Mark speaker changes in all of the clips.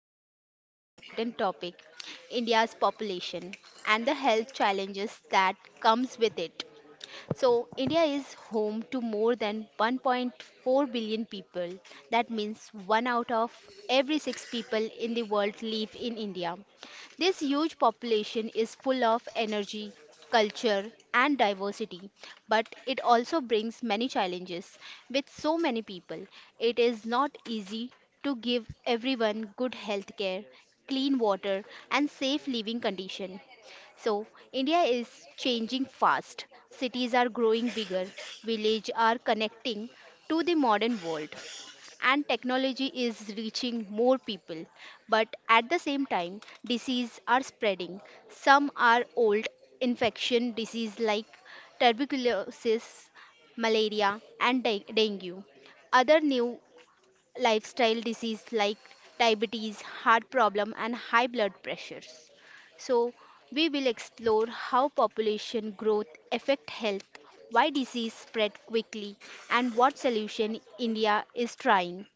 Speaker 1: talk about very important topic, India's population and the health challenges that comes with it. So, India is home to more than 1.4 billion people. That means one out of every six people in the world live in India. This huge population is full of energy, culture, and diversity, but it also brings many challenges. With so many people, it is not easy to give everyone good health care, clean water, and safe living condition. So, India is changing fast. Cities are growing bigger, villages are connecting to the modern world, and technology is reaching more people. But at the same time, diseases are spreading. Some are old infection disease like tuberculosis, malaria, and dengue. Other new lifestyle disease like diabetes, heart problem and high blood pressures. So we will explore how population growth affect health, why disease spread quickly and what solution India is trying.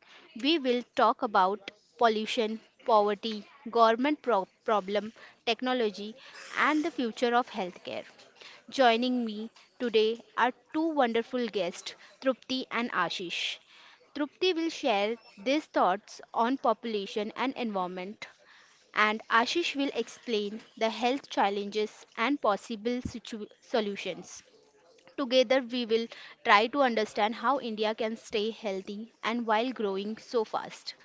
Speaker 1: We will talk about pollution, poverty, government problem, technology and the future of healthcare. Joining me today are two wonderful guests, Trupti and Ashish. Trupti will share these thoughts on population and environment, and Ashish will explain the health challenges and possible solutions. Together, we will try to understand how India can stay healthy and while growing so fast.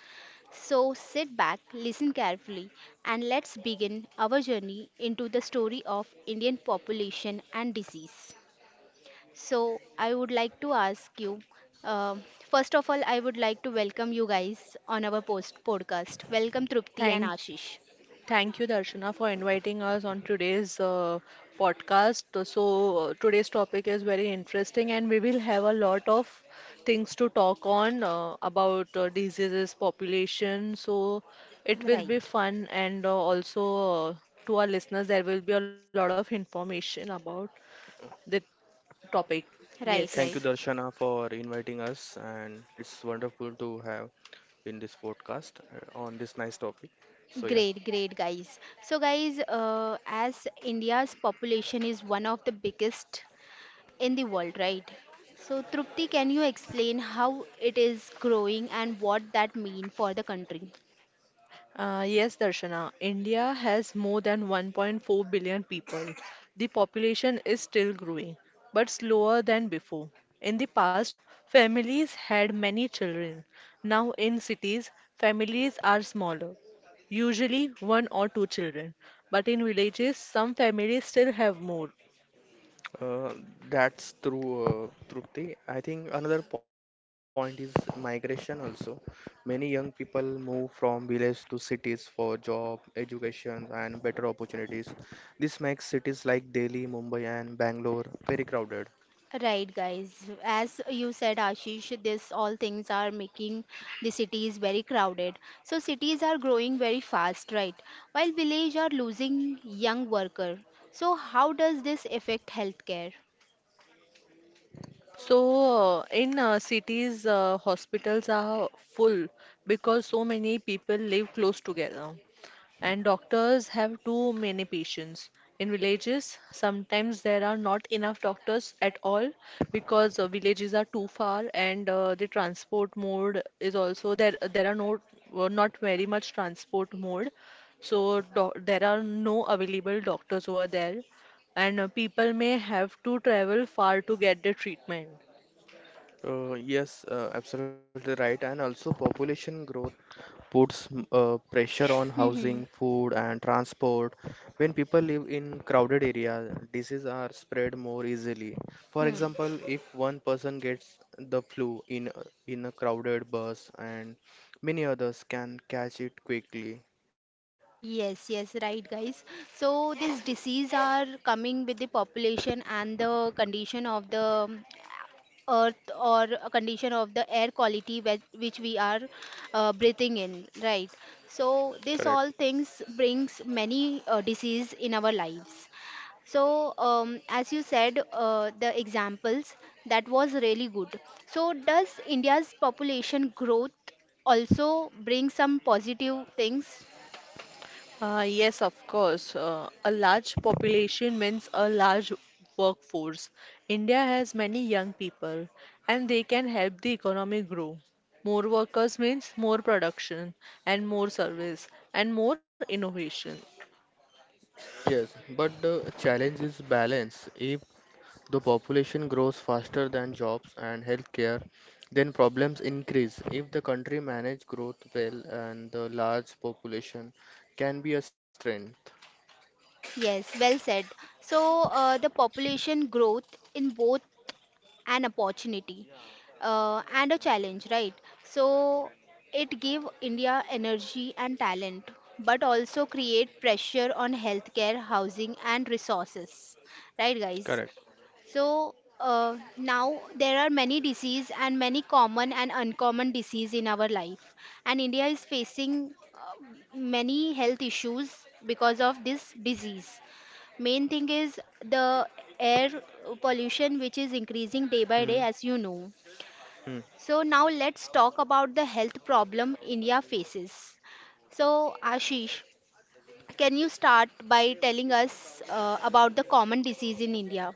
Speaker 1: So, sit back, listen carefully, and let's begin our journey into the story of Indian population and disease. So, I would like to ask you um first of all, I would like to welcome you guys on our post podcast. Welcome, Trupti and
Speaker 2: Thank,
Speaker 1: Ashish.
Speaker 2: thank you, Darshana, for inviting us on today's podcast. So, today's topic is very interesting, and we will have a lot of things to talk on about diseases, population. So, it will
Speaker 1: Right.
Speaker 2: be fun, and also uh, to our listeners, there will be a lot of information about the topic.
Speaker 1: Right,
Speaker 3: Thank you,
Speaker 2: Yes.
Speaker 1: right.
Speaker 3: Darshana, for inviting us, and it's wonderful to have in this podcast on this nice topic. So yeah,
Speaker 1: Great, great, guys. So, guys, as India's population is one of the biggest in the world, right? So, Trupti, can you explain how it is growing and what that mean for the country?
Speaker 2: Yes, Darshana. India has more than 1.4 billion people. The population is still growing, but slower than before. In the past, families had many children. Now, in cities, families are smaller, usually one or two children. But in villages, some families still have more.
Speaker 3: uh, that's true, Trupti. I think another point is migration also. Many young people move from village to cities for job, education, and better opportunities. This makes cities like Delhi, Mumbai, and Bangalore very crowded.
Speaker 1: Right, guys. As you said, Ashish, this all things are making the cities very crowded. So cities are growing very fast, right? While village are losing young worker. So how does this affect healthcare?
Speaker 2: So, in cities, hospitals are full because so many people live close together, and doctors have too many patients. In villages, sometimes there are not enough doctors at all, because villages are too far, and the transport mode is also there. There are no, not very much transport mode, so do there are no available doctors over there, and people may have to travel far to get the treatment.
Speaker 3: Yes, absolutely right. And also, population growth puts pressure on
Speaker 1: Hmm.
Speaker 3: housing, food, and transport. When people live in crowded areas, diseases are spread more easily. For
Speaker 1: Hmm.
Speaker 3: example, if one person gets the flu in a crowded bus, and many others can catch it quickly.
Speaker 1: Yes, yes, right, guys. So these disease are coming with the population and the condition of the earth or a condition of the air quality which we are breathing in, right? So this
Speaker 3: Correct.
Speaker 1: all things brings many disease in our lives. So, as you said, the examples that was really good. So, does India's population growth also bring some positive things?
Speaker 2: Yes, of course. A large population means a large workforce. India has many young people, and they can help the economy grow. More workers means more production, and more service, and more innovation.
Speaker 3: Yes, but the challenge is balance. If the population grows faster than jobs and healthcare, then problems increase. If the country manage growth well and the large population can be a strength.
Speaker 1: Yes, well said. So, the population growth in both an opportunity and a challenge, right? So, it give India energy and talent, but also create pressure on healthcare, housing, and resources, right, guys?
Speaker 3: Correct.
Speaker 1: So, now there are many disease and many common and uncommon disease in our life, and India is facing many health issues because of this disease. Main thing is the air pollution, which is increasing day by day,
Speaker 3: Hmm.
Speaker 1: as you know.
Speaker 3: Hmm.
Speaker 1: So, now let's talk about the health problem India faces. So, Ashish, can you start by telling us about the common disease in India?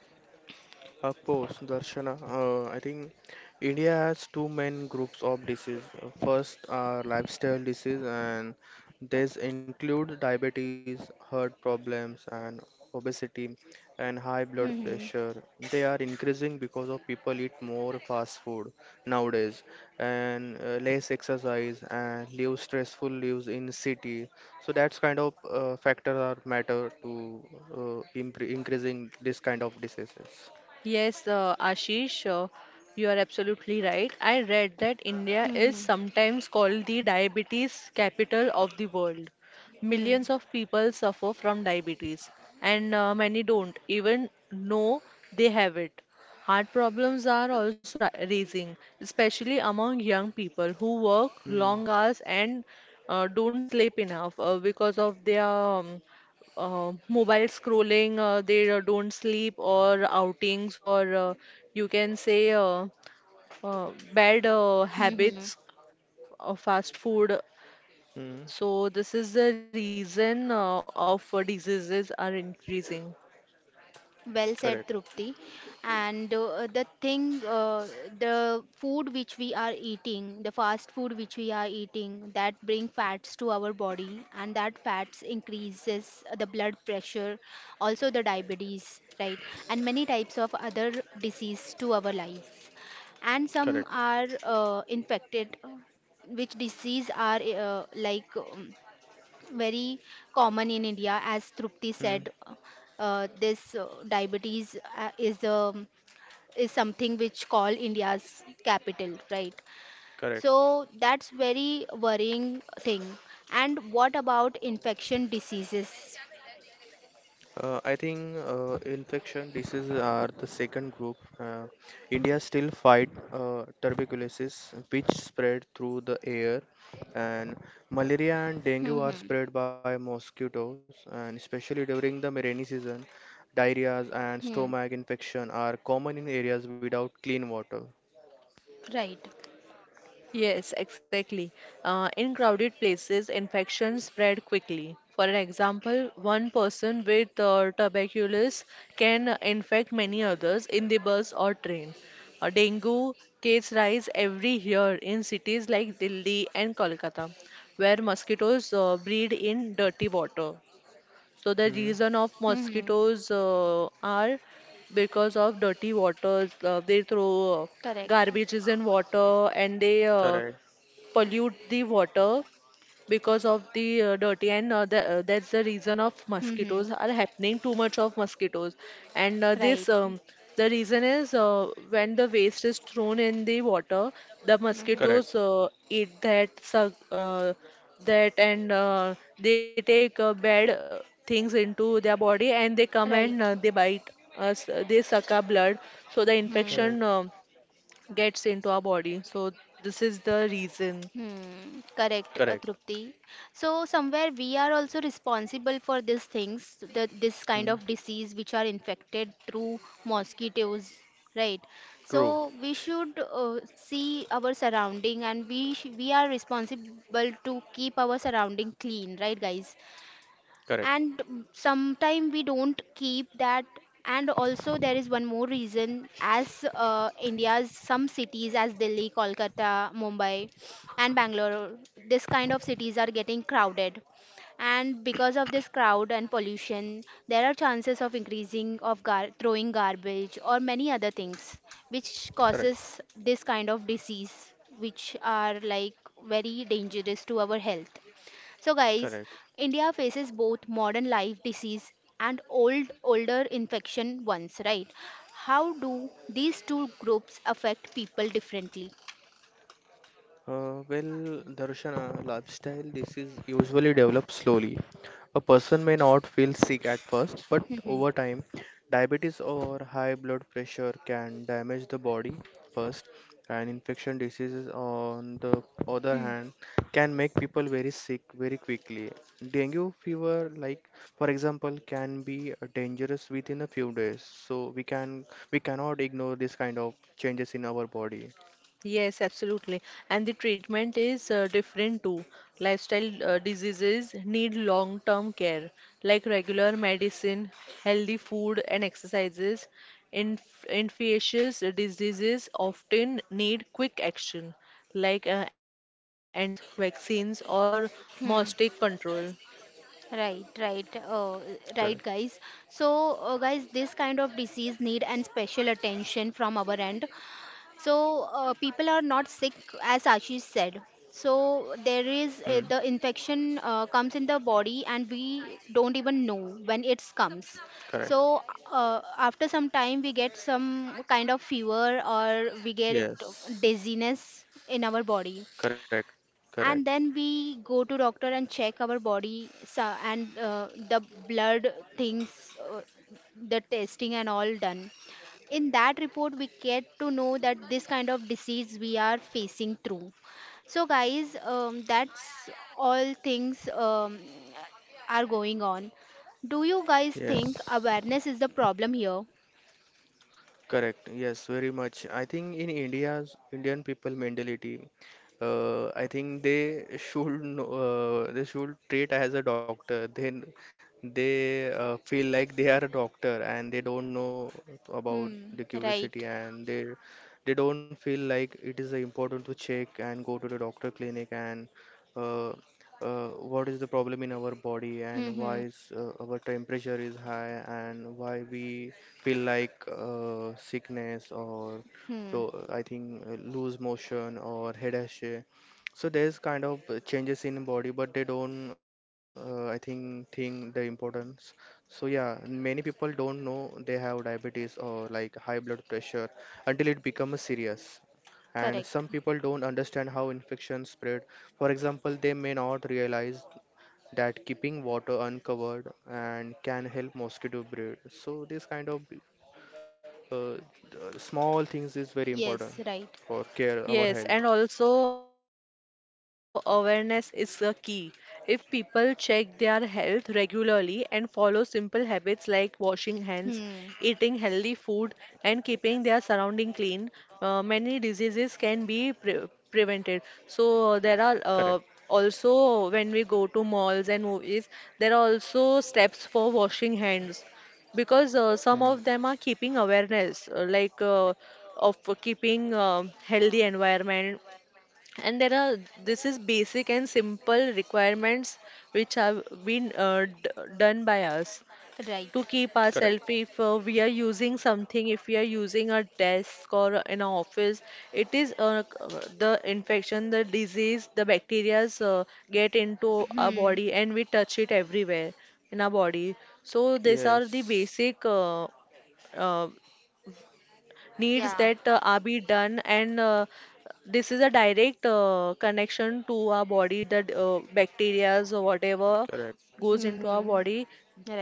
Speaker 3: Of course, Darshana, I think India has two main groups of disease. First are lifestyle disease, and these include diabetes, heart problems, and obesity, and high blood
Speaker 1: Hmm.
Speaker 3: pressure. They are increasing because of people eat more fast food nowadays, and less exercise, and live stressful lives in city. So that's kind of factor or matter to increasing this kind of diseases.
Speaker 2: Yes, Ashish, you are absolutely right. I read that India is
Speaker 1: Hmm.
Speaker 2: sometimes called the diabetes capital of the world.
Speaker 1: Hmm.
Speaker 2: Millions of people suffer from diabetes, and many don't even know they have it. Heart problems are also rising, especially among young people who work
Speaker 3: Hmm.
Speaker 2: long hours and don't sleep enough because of their mobile scrolling, they don't sleep, or outings, or you can say, bad
Speaker 1: Hmm. Hmm.
Speaker 2: habits of fast food.
Speaker 3: Hmm.
Speaker 2: So this is the reason of, diseases are increasing.
Speaker 1: Well
Speaker 3: Correct,
Speaker 1: said, Trupti. And the thing, the food which we are eating, the fast food which we are eating, that bring fats to our body, and that fats increases the blood pressure, also the diabetes, right? And many types of other disease to our lives. And some
Speaker 3: correct.
Speaker 1: are infected, which disease are like. Very common in India, as Trupti
Speaker 3: Hmm.
Speaker 1: said. This diabetes is something which call India's capital, right?
Speaker 3: Correct.
Speaker 1: So that's very worrying thing. And what about infection diseases?
Speaker 3: I think infection diseases are the second group. India still fight tuberculosis, which spread through the air, and malaria and dengue are
Speaker 1: Hmm.
Speaker 3: spread by mosquitoes, and especially during the rainy season, diarrhea and
Speaker 1: Hmm.
Speaker 3: stomach infection are common in areas without clean water.
Speaker 1: Right.
Speaker 2: Yes, exactly. In crowded places, infections spread quickly. For an example, one person with tuberculosis can infect many others in the bus or train. Dengue case rise every year in cities like Delhi and Kolkata, where mosquitoes breed in dirty water. So the
Speaker 3: Hmm.
Speaker 2: reason of
Speaker 1: Hmm.
Speaker 2: mosquitoes are because of dirty waters. They throw
Speaker 1: Correct.
Speaker 2: garbages in water, and they
Speaker 3: Correct,
Speaker 2: pollute the water because of the dirty, and that's the reason of
Speaker 1: Hmm.
Speaker 2: mosquitoes are happening, too much of mosquitoes. And this,
Speaker 1: Right.
Speaker 2: the reason is, when the waste is thrown in the water, the
Speaker 1: Hmm.
Speaker 3: correct,
Speaker 2: mosquitoes eat that, that. And they take bad things into their body, and they come, and
Speaker 1: Right.
Speaker 2: they bite us, they suck our blood, so the
Speaker 3: correct,
Speaker 1: Hmm.
Speaker 2: infection, gets into our body, so this is the reason.
Speaker 1: Hmm, correct,
Speaker 3: correct.
Speaker 1: Trupti. So somewhere we are also responsible for these things, this kind
Speaker 3: Hmm.
Speaker 1: of disease which are infected through mosquitoes, right?
Speaker 3: True.
Speaker 1: So we should see our surrounding, and we are responsible to keep our surrounding clean, right, guys?
Speaker 3: Correct,
Speaker 1: And sometimes we don't keep that. And also there is one more reason, as India's some cities as Delhi, Kolkata, Mumbai and Bangalore, this kind of cities are getting crowded. And because of this crowd and pollution, there are chances of increasing of throwing garbage or many other things which
Speaker 3: correct.
Speaker 1: causes this kind of disease, which are like very dangerous to our health. So guys,
Speaker 3: Correct.
Speaker 1: India faces both modern life disease and old older infection ones, right? How do these two groups affect people differently?
Speaker 3: Well, Darshana, lifestyle disease usually develops slowly. A person may not feel sick at first, but
Speaker 1: Mhm.
Speaker 3: over time, diabetes or high blood pressure can damage the body first, and infection diseases, on the other hand, can make people very sick very quickly. Dengue fever, like for example, can be dangerous within a few days. So we cannot ignore this kind of changes in our body.
Speaker 2: Yes, absolutely. And the treatment is different too. Lifestyle diseases need long-term care, like regular medicine, healthy food, and exercises. Infectious diseases often need quick action, like antibiotics, vaccines, or
Speaker 1: Hmm.
Speaker 2: mosaic control.
Speaker 1: Right, right,
Speaker 3: Correct.
Speaker 1: right, guys. So, guys, this kind of disease need and special attention from our end. So people are not sick, as Ashish said. So there is the infection comes in the body and we don't even know when it comes.
Speaker 3: Correct.
Speaker 1: So after some time we get some kind of fever or we get
Speaker 3: Yes.
Speaker 1: dizziness in our body,
Speaker 3: Correct. Correct.
Speaker 1: and then we go to doctor and check our body. And the blood things, the testing and all done, in that report we get to know that this kind of disease we are facing through. So guys, that's all things are going on. Do you guys think
Speaker 3: Yes.
Speaker 1: awareness is the problem here?
Speaker 3: Correct. Yes, very much. I think in India's Indian people mentality, I think they should know, they should treat as a doctor. Then they feel like they are a doctor and they don't know about
Speaker 1: Hmm.
Speaker 3: the
Speaker 1: Right.
Speaker 3: curiosity, and they don't feel like it is important to check and go to the doctor clinic, and uh, what is the problem in our body,
Speaker 1: Hmm.
Speaker 3: and why
Speaker 1: Hmm.
Speaker 3: is our temperature is high, and why we feel like sickness or
Speaker 1: Hmm.
Speaker 3: to, I think loose motion or headache. So there's kind of changes in body, but they don't I think the importance. So yeah, many people don't know they have diabetes or like high blood pressure until it becomes serious, and some
Speaker 1: Correct.
Speaker 3: people don't understand how infections spread. For example, they may not realize that keeping water uncovered and can help mosquito breed. So this kind of uh, the small things is very
Speaker 1: Yes.
Speaker 3: important
Speaker 1: Right.
Speaker 3: for care
Speaker 2: Yes,
Speaker 3: our
Speaker 2: and
Speaker 3: health.
Speaker 2: also awareness is a key. If people check their health regularly and follow simple habits like washing hands, eating healthy
Speaker 1: Hmm.
Speaker 2: food, and keeping their surrounding clean, many diseases can be prevented. So there are,
Speaker 3: Correct.
Speaker 2: also when we go to malls and movies, there are also steps for washing hands, because
Speaker 3: Hmm.
Speaker 2: some of them are keeping awareness, like, of keeping healthy environment. And there are, this is basic and simple requirements which have been done by us,
Speaker 1: Right.
Speaker 2: to keep
Speaker 3: Correct.
Speaker 2: ourselves. If we are using something, if we are using a desk or in an office, it is, the infection, the disease, the bacterias get into our
Speaker 1: Hmm.
Speaker 2: body, and we touch it everywhere in our body. So these are the
Speaker 3: Yes.
Speaker 2: basic uh, needs
Speaker 1: Yeah.
Speaker 2: that are be done. And this is a direct connection to our body, that bacterias or whatever
Speaker 3: Correct.
Speaker 2: goes into our
Speaker 1: Hmm.
Speaker 2: body.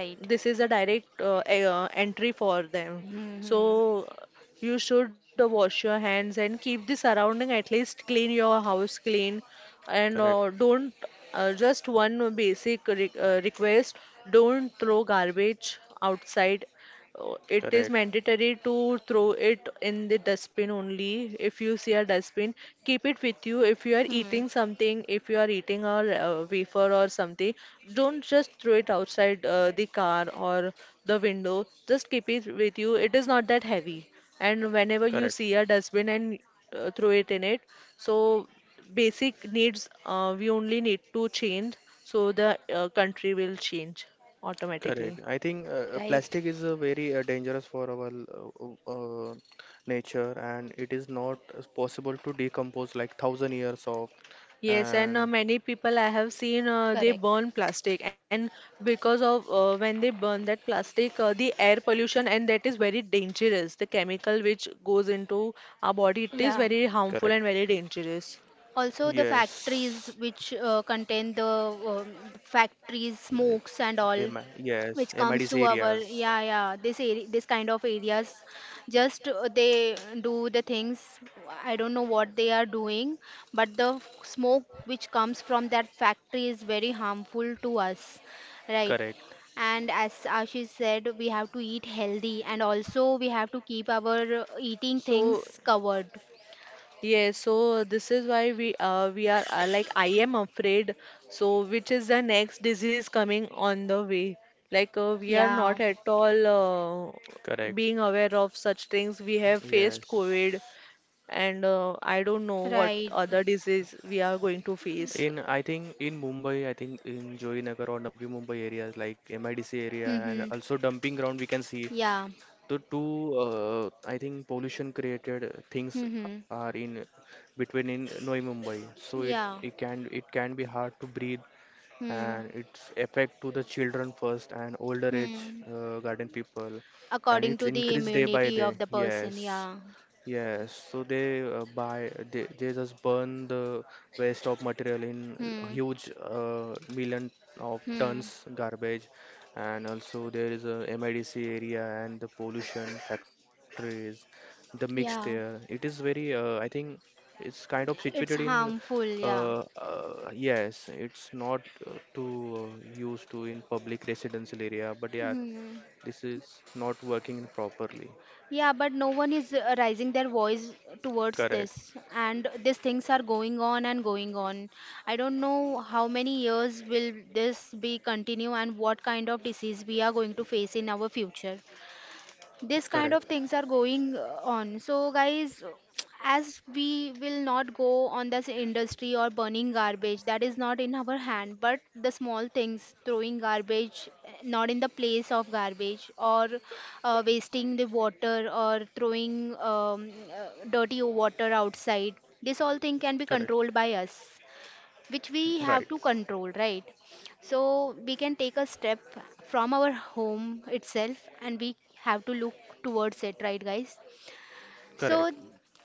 Speaker 2: This is a direct entry for them.
Speaker 1: Hmm.
Speaker 2: So you should wash your hands and keep the surrounding, at least clean your house clean. And
Speaker 3: Correct.
Speaker 2: don't, just one basic re request, don't throw garbage outside. It is
Speaker 3: Correct.
Speaker 2: mandatory to throw it in the dustbin only. If you see a dustbin, keep it with you. If you are
Speaker 1: Hmm.
Speaker 2: eating something, if you are eating a wafer or something, don't just throw it outside the car or the window. Just keep it with you. It is not that heavy. And whenever you
Speaker 3: Correct.
Speaker 2: see a dustbin, and throw it in it, so basic needs we only need to change, so the country will change automatically.
Speaker 3: Correct. I think
Speaker 1: Right?
Speaker 3: plastic is very dangerous for our uh, uh, nature, and it is not possible to decompose like thousand years of.
Speaker 2: Yes, and
Speaker 3: And
Speaker 2: many people I have seen, they
Speaker 1: Correct.
Speaker 2: burn plastic, and because of, when they burn that plastic, the air pollution, and that is very dangerous. The chemical which goes into our body, it is
Speaker 1: Yeah.
Speaker 2: very harmful
Speaker 3: correct.
Speaker 2: and very dangerous.
Speaker 1: Also, the factories
Speaker 3: Yes,
Speaker 1: which contain the factories,
Speaker 3: like
Speaker 1: smokes, and all.
Speaker 3: M. yes,
Speaker 1: Which comes
Speaker 3: MIDC
Speaker 1: to our,
Speaker 3: areas.
Speaker 1: yeah, yeah, this area, this kind of areas just they do the things. I don't know what they are doing, but the smoke which comes from that factory is very harmful to us, right?
Speaker 3: Correct,
Speaker 1: And as Ashish said, we have to eat healthy and also we have to keep our eating
Speaker 2: So
Speaker 1: things covered.
Speaker 2: yes, so this is why we are, like, I am afraid. So which is the next disease coming on the way? Like, we are
Speaker 1: Yeah.
Speaker 2: not at all
Speaker 3: correct.
Speaker 2: being aware of such things. We have faced
Speaker 3: Yes,
Speaker 2: COVID, and I don't know what
Speaker 1: Right.
Speaker 2: other disease we are going to face.
Speaker 3: In I think in Mumbai, I think in Johinagar or Navi Mumbai areas like MIDC area and
Speaker 1: Mhm.
Speaker 3: also dumping ground we can see
Speaker 1: Yeah.
Speaker 3: the two I think pollution created things are
Speaker 1: Mhm.
Speaker 3: in between in Navi Mumbai. So it, it
Speaker 1: Yeah.
Speaker 3: can it can be hard to breathe,
Speaker 1: Hmm.
Speaker 3: and its effect to the children first and older age
Speaker 1: Hmm.
Speaker 3: garden people, and
Speaker 1: According
Speaker 3: it's
Speaker 1: to the
Speaker 3: increased day by
Speaker 1: immunity of
Speaker 3: day,
Speaker 1: the person.
Speaker 3: yes,
Speaker 1: Yeah.
Speaker 3: yes, so they just burn the waste of material in
Speaker 1: Hmm.
Speaker 3: huge million of tons
Speaker 1: Hmm.
Speaker 3: garbage, and also there is a MIDC area and the pollution factories, the mixed air,
Speaker 1: Yeah,
Speaker 3: it is very I think it's kind of situated
Speaker 1: it's
Speaker 3: in
Speaker 1: harmful. Yeah.
Speaker 3: yes, it's not too used to in public residential area, but yeah,
Speaker 1: Hmm.
Speaker 3: this is not working properly.
Speaker 1: Yeah, but no one is raising their voice towards
Speaker 3: Correct,
Speaker 1: this, and these things are going on and going on. I don't know how many years will this be continue and what kind of disease we are going to face in our future. This kind
Speaker 3: correct,
Speaker 1: of things are going on. So guys, as we will not go on this industry or burning garbage, that is not in our hand. But the small things, throwing garbage not in the place of garbage, or wasting the water, or throwing dirty water outside, this all thing can be
Speaker 3: correct.
Speaker 1: controlled by us, which we
Speaker 3: Right.
Speaker 1: have to control, right? So we can take a step from our home itself, and we have to look towards it, right, guys? So
Speaker 3: Correct.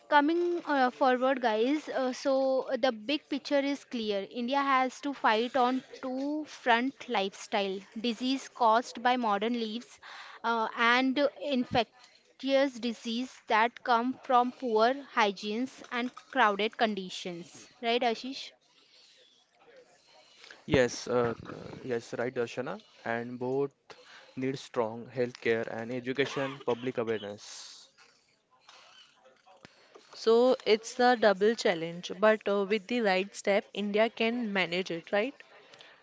Speaker 1: coming forward, guys, so the big picture is clear. India has to fight on two front lifestyle disease caused by modern leaves and infectious disease that come from poor hygienes and crowded conditions, right, Ashish?
Speaker 3: Yes, yes, right, Darshana. And both need strong healthcare and education, public awareness.
Speaker 2: So it's a double challenge, but with the right step, India can manage it, right?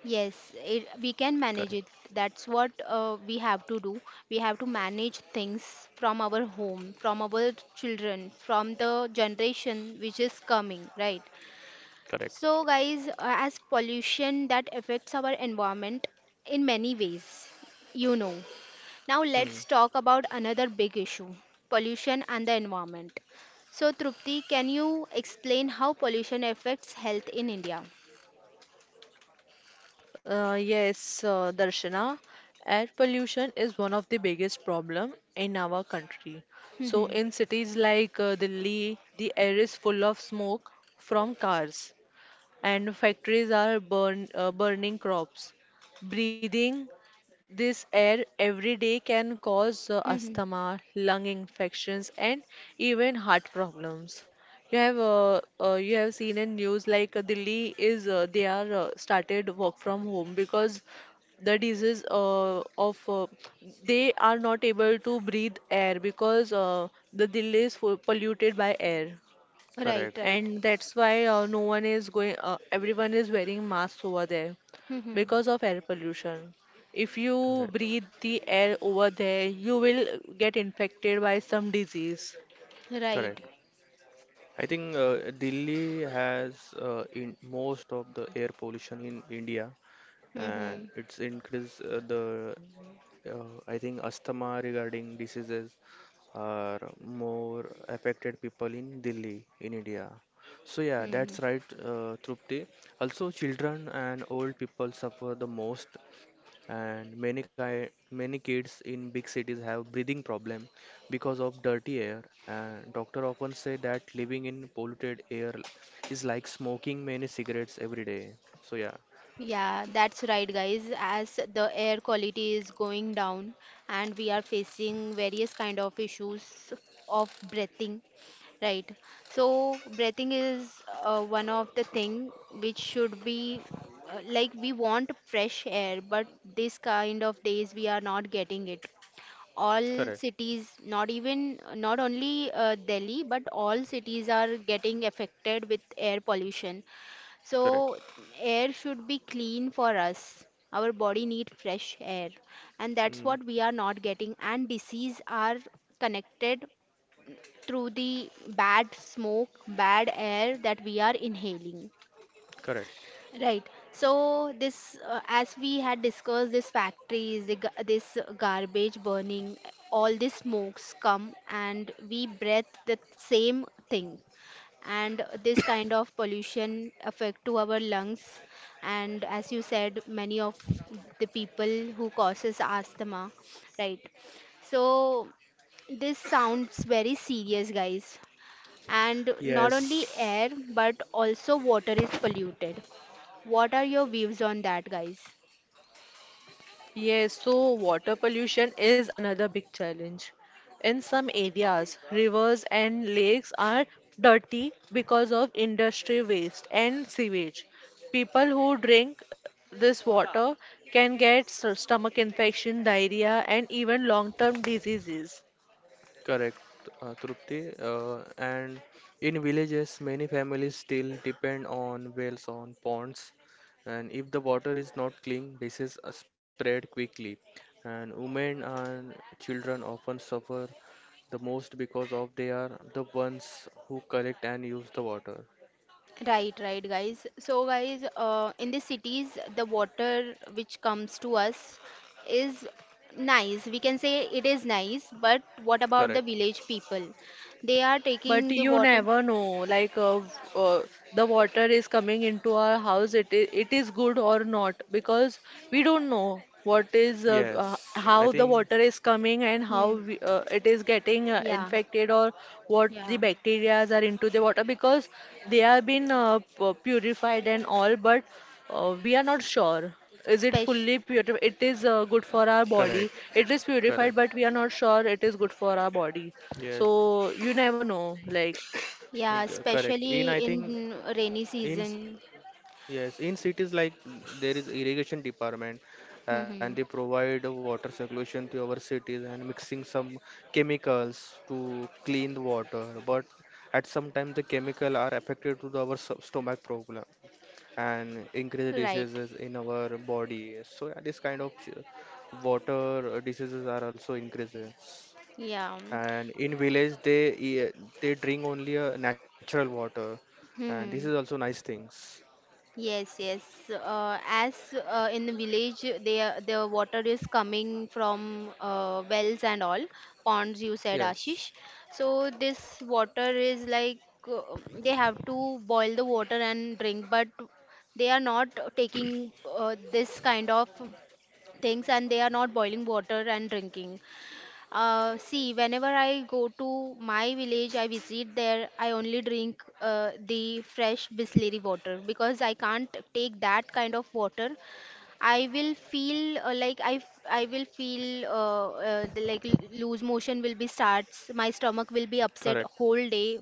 Speaker 1: Yes, we can
Speaker 3: Correct,
Speaker 1: manage it. That's what we have to do. We have to manage things from our home, from our children, from the generation which is coming, right?
Speaker 3: correct.
Speaker 1: So, guys, as pollution that affects our environment in many ways, you know. Now, let's
Speaker 3: Hmm.
Speaker 1: talk about another big issue, pollution and the environment. So, Trupti, can you explain how pollution affects health in India?
Speaker 2: Yes, Darshana, air pollution is one of the biggest problem in our country. So in cities like Delhi, the air is full of smoke from cars, and factories are burning crops. Breathing this air every day can cause asthma, lung infections, and even heart problems. You have seen in news, like Delhi is, they are started work from home because the disease of, they are not able to breathe air because the Delhi is polluted by air,
Speaker 1: Right,
Speaker 3: Correct,
Speaker 1: right.
Speaker 2: and that's why, no one is going, everyone is wearing masks over there because of air pollution. If you
Speaker 3: correct,
Speaker 2: breathe the air over there, you will get infected by some disease.
Speaker 1: Right.
Speaker 3: correct. I think Delhi has in most of the air pollution in India, and
Speaker 1: Mm-hmm.
Speaker 3: it's increased the I think asthma regarding diseases are more affected people in Delhi, in India. So yeah,
Speaker 1: Hmm.
Speaker 3: that's right, Trupti. Also, children and old people suffer the most, and many kids in big cities have breathing problem because of dirty air. And doctor often say that living in polluted air is like smoking many cigarettes every day. So yeah.
Speaker 1: Yeah, that's right, guys. As the air quality is going down and we are facing various kind of issues of breathing, right? So breathing is one of the thing which should be like, we want fresh air, but this kind of days we are not getting it. All
Speaker 3: Correct,
Speaker 1: cities, not even not only Delhi, but all cities are getting affected with air pollution.
Speaker 3: correct.
Speaker 1: So air should be clean for us. Our body need fresh air and that's
Speaker 3: Mm.
Speaker 1: what we are not getting, and disease are connected through the bad smoke, bad air that we are inhaling.
Speaker 3: Correct.
Speaker 1: Right. So this, as we had discussed, this factories, this garbage burning, all these smokes come and we breathe the same thing, and this kind of pollution affect to our lungs. And as you said, many of the people who causes asthma, right? So this sounds very serious, guys. And not only
Speaker 3: Yes.
Speaker 1: air but also water is polluted. What are your views on that, guys?
Speaker 2: Yes, so water pollution is another big challenge. In some areas, rivers and lakes are dirty because of industry waste and sewage. People who drink this water can get stomach infection, diarrhea, and even long-term diseases.
Speaker 3: Correct, Trupti. And in villages, many families still depend on wells, on ponds, and if the water is not clean, diseases are spread quickly. And women and children often suffer the most because of they are the ones who collect and use the water.
Speaker 1: Right, right, guys. So, guys, in the cities, the water which comes to us is nice. We can say it is nice, but what about the
Speaker 3: Correct.
Speaker 1: village people? They are
Speaker 2: But
Speaker 1: taking the
Speaker 2: you
Speaker 1: water.
Speaker 2: never know, like, uh, the water is coming into our house, it is good or not, because we don't know what is,
Speaker 3: Yes, I
Speaker 2: how the
Speaker 3: think
Speaker 2: water is coming, and how
Speaker 1: Hmm.
Speaker 2: we, it is getting
Speaker 1: Yeah,
Speaker 2: infected, or what the
Speaker 1: yeah.
Speaker 2: bacterias are into the water, because they are been purified and all, but we are not sure. Is it
Speaker 1: Spec
Speaker 2: fully purified? It is good for our body.
Speaker 3: correct,
Speaker 2: It is purified,
Speaker 3: correct.
Speaker 2: but we are not sure it is good for our body.
Speaker 3: Yes,
Speaker 2: So you never know. Like,
Speaker 1: yeah,
Speaker 3: correct. In I
Speaker 1: especially
Speaker 3: think
Speaker 1: in rainy
Speaker 3: in,
Speaker 1: season.
Speaker 3: yes, in cities like there is irrigation department, and they
Speaker 1: Hmm.
Speaker 3: provide water circulation to our cities and mixing some chemicals to clean the water. But at some time the chemical are affected to our stomach problem and increase
Speaker 1: Right.
Speaker 3: diseases in our body. So yeah, this kind of water diseases are also increasing.
Speaker 1: Yeah.
Speaker 3: And in village they drink only natural water, and this is
Speaker 1: Hmm.
Speaker 3: also nice things.
Speaker 1: Yes, yes. So, as in the village, the water is coming from wells and all ponds. You said,
Speaker 3: Yes,
Speaker 1: Ashish. So this water is like, uh, they have to boil the water and drink, but they are not taking this kind of things and they are not boiling water and drinking. See, whenever I go to my village, I visit there, I only drink the fresh Bisleri water because I can't take that kind of water. I will feel like I will feel loose motion will be starts. My stomach will be
Speaker 3: correct.
Speaker 1: upset whole day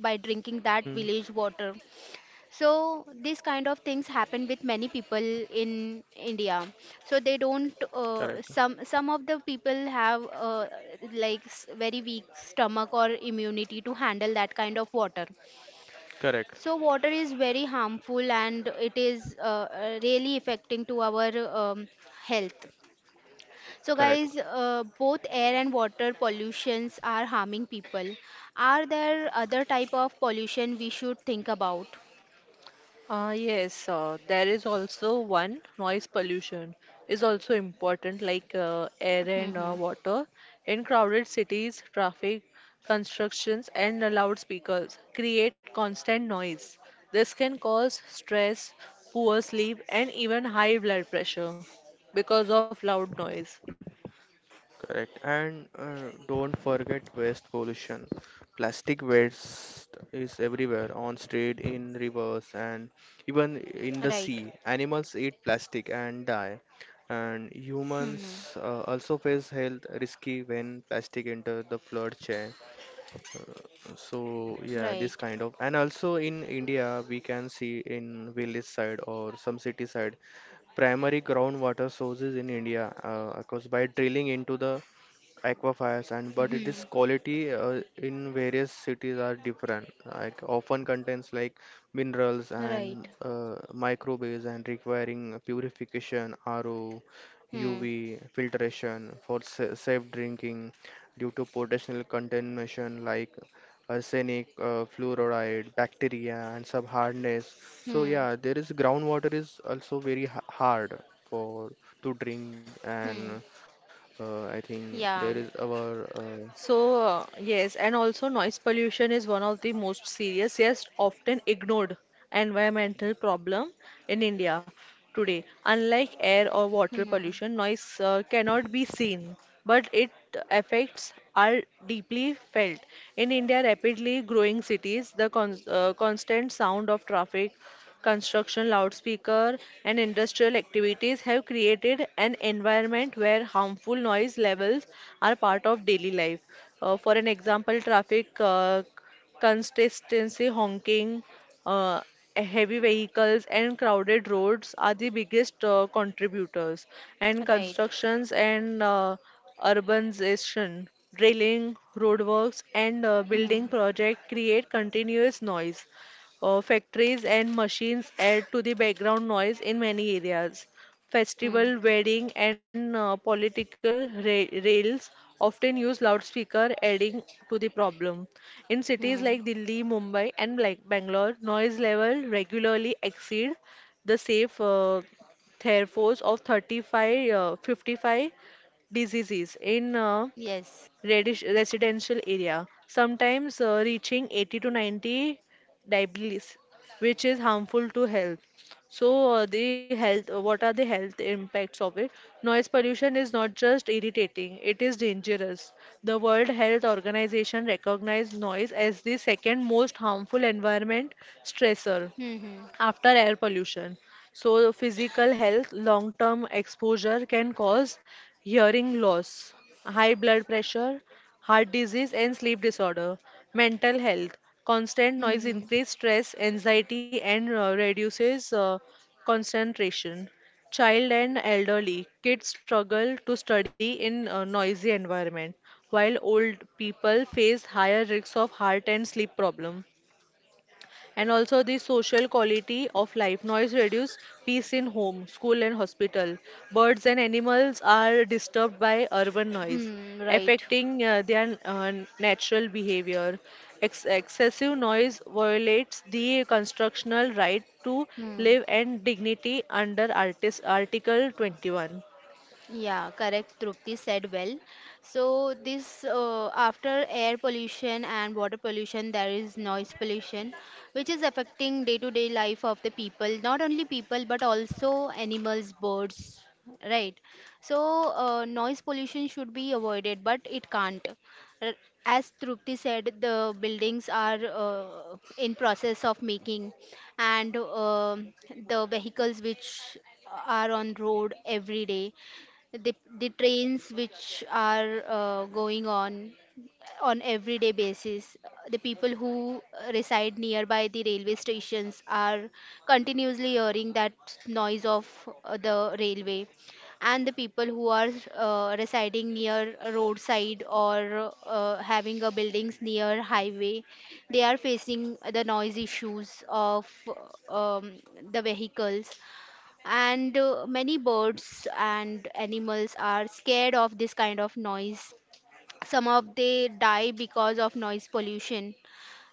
Speaker 1: by drinking
Speaker 3: Hmm.
Speaker 1: that village water. So these kind of things happen with many people in india. So they don't
Speaker 3: Correct,
Speaker 1: some of the people have very weak stomach or immunity to handle that kind of water. So
Speaker 3: correct,
Speaker 1: water is very harmful and it is really affecting to our um, health. So guys,
Speaker 3: correct,
Speaker 1: both air and water pollutions are harming people. Are there other type of pollution we should think about?
Speaker 2: yes, there is also one noise pollution is also important, like air and
Speaker 1: Hmm
Speaker 2: water. In crowded cities, traffic, constructions, and loudspeakers create constant noise. This can cause stress, poor sleep, and even high blood pressure because of loud noise.
Speaker 3: correct. And don't forget waste pollution. Plastic waste is everywhere, on street, in rivers, and even in the
Speaker 1: right
Speaker 3: sea. Animals eat plastic and die. And humans
Speaker 1: Hmm.
Speaker 3: also face health risky when plastic enter the flood chain. So yeah, this
Speaker 1: Right.
Speaker 3: kind of, and also in India, we can see in village side or some city side, primary groundwater sources in India, of course, by drilling into the aquifers, and but it is
Speaker 1: Hmm.
Speaker 3: quality in various cities are different, like often contains like minerals
Speaker 1: Right.
Speaker 3: and microbes and requiring purification RO
Speaker 1: Hmm.
Speaker 3: UV filtration for safe drinking due to potential contamination like arsenic, fluoride, bacteria and sub hardness. So
Speaker 1: Hmm.
Speaker 3: yeah, there is groundwater is also very hard for to drink, and
Speaker 1: Hmm.
Speaker 3: I think there is
Speaker 1: Yeah.
Speaker 3: our
Speaker 2: So, yes, and also noise pollution is one of the most serious, yes, often ignored environmental problem in India today. Unlike air or water
Speaker 1: Hmm.
Speaker 2: pollution, noise cannot be seen, but it effects are deeply felt. In India, rapidly growing cities, the constant sound of traffic construction, loudspeaker, and industrial activities have created an environment where harmful noise levels are part of daily life. For an example, traffic consistency honking, uh, heavy vehicles, and crowded roads are the biggest contributors. And
Speaker 1: Right.
Speaker 2: constructions and urbanization, drilling, roadworks, and building
Speaker 1: Hmm.
Speaker 2: projects create continuous noise. Factories and machines add to the background noise in many areas.
Speaker 1: Hmm.
Speaker 2: Festival, wedding, and political rails often use loudspeaker, adding to the problem. In cities
Speaker 1: Hmm.
Speaker 2: like Delhi, Mumbai, and Bangalore, noise level regularly exceed the safe thresholds of 35, 55 diseases. In
Speaker 1: Yes.
Speaker 2: residential area, sometimes reaching 80 to 90 dBs, which is harmful to health. So, the health, what are the health impacts of it? Noise pollution is not just irritating, it is dangerous. The World Health Organization recognized noise as the second most harmful environment stressor
Speaker 1: Hmm. Hmm.
Speaker 2: after air pollution. So, physical health, long term exposure can cause hearing loss, high blood pressure, heart disease, and sleep disorder. Mental health, constant noise
Speaker 1: Hmm.
Speaker 2: increase stress, anxiety, and reduces concentration. Child and elderly, kids struggle to study in a noisy environment, while old people face higher risks of heart and sleep problem, and also the social quality of life. Noise reduce peace in home, school, and hospital. Birds and animals are disturbed by urban noise,
Speaker 1: Hmm. Right.
Speaker 2: affecting their natural behavior. Excessive noise violates the constitutional right to
Speaker 1: Hmm.
Speaker 2: live and dignity under Article 21.
Speaker 1: Yeah, correct. Trupti said well. So this after air pollution and water pollution, there is noise pollution, which is affecting day-to-day life of the people. Not only people, but also animals, birds, right? So noise pollution should be avoided, but it can't. R- As Trupti said, the buildings are in process of making, and um the vehicles which are on road every day, the the trains which are going on everyday basis, the people who reside nearby the railway stations are continuously hearing that noise of the railway, and the people who are residing near a roadside or having a buildings near highway, they are facing the noise issues of um, the vehicles, and many birds and animals are scared of this kind of noise. Some of they die because of noise pollution.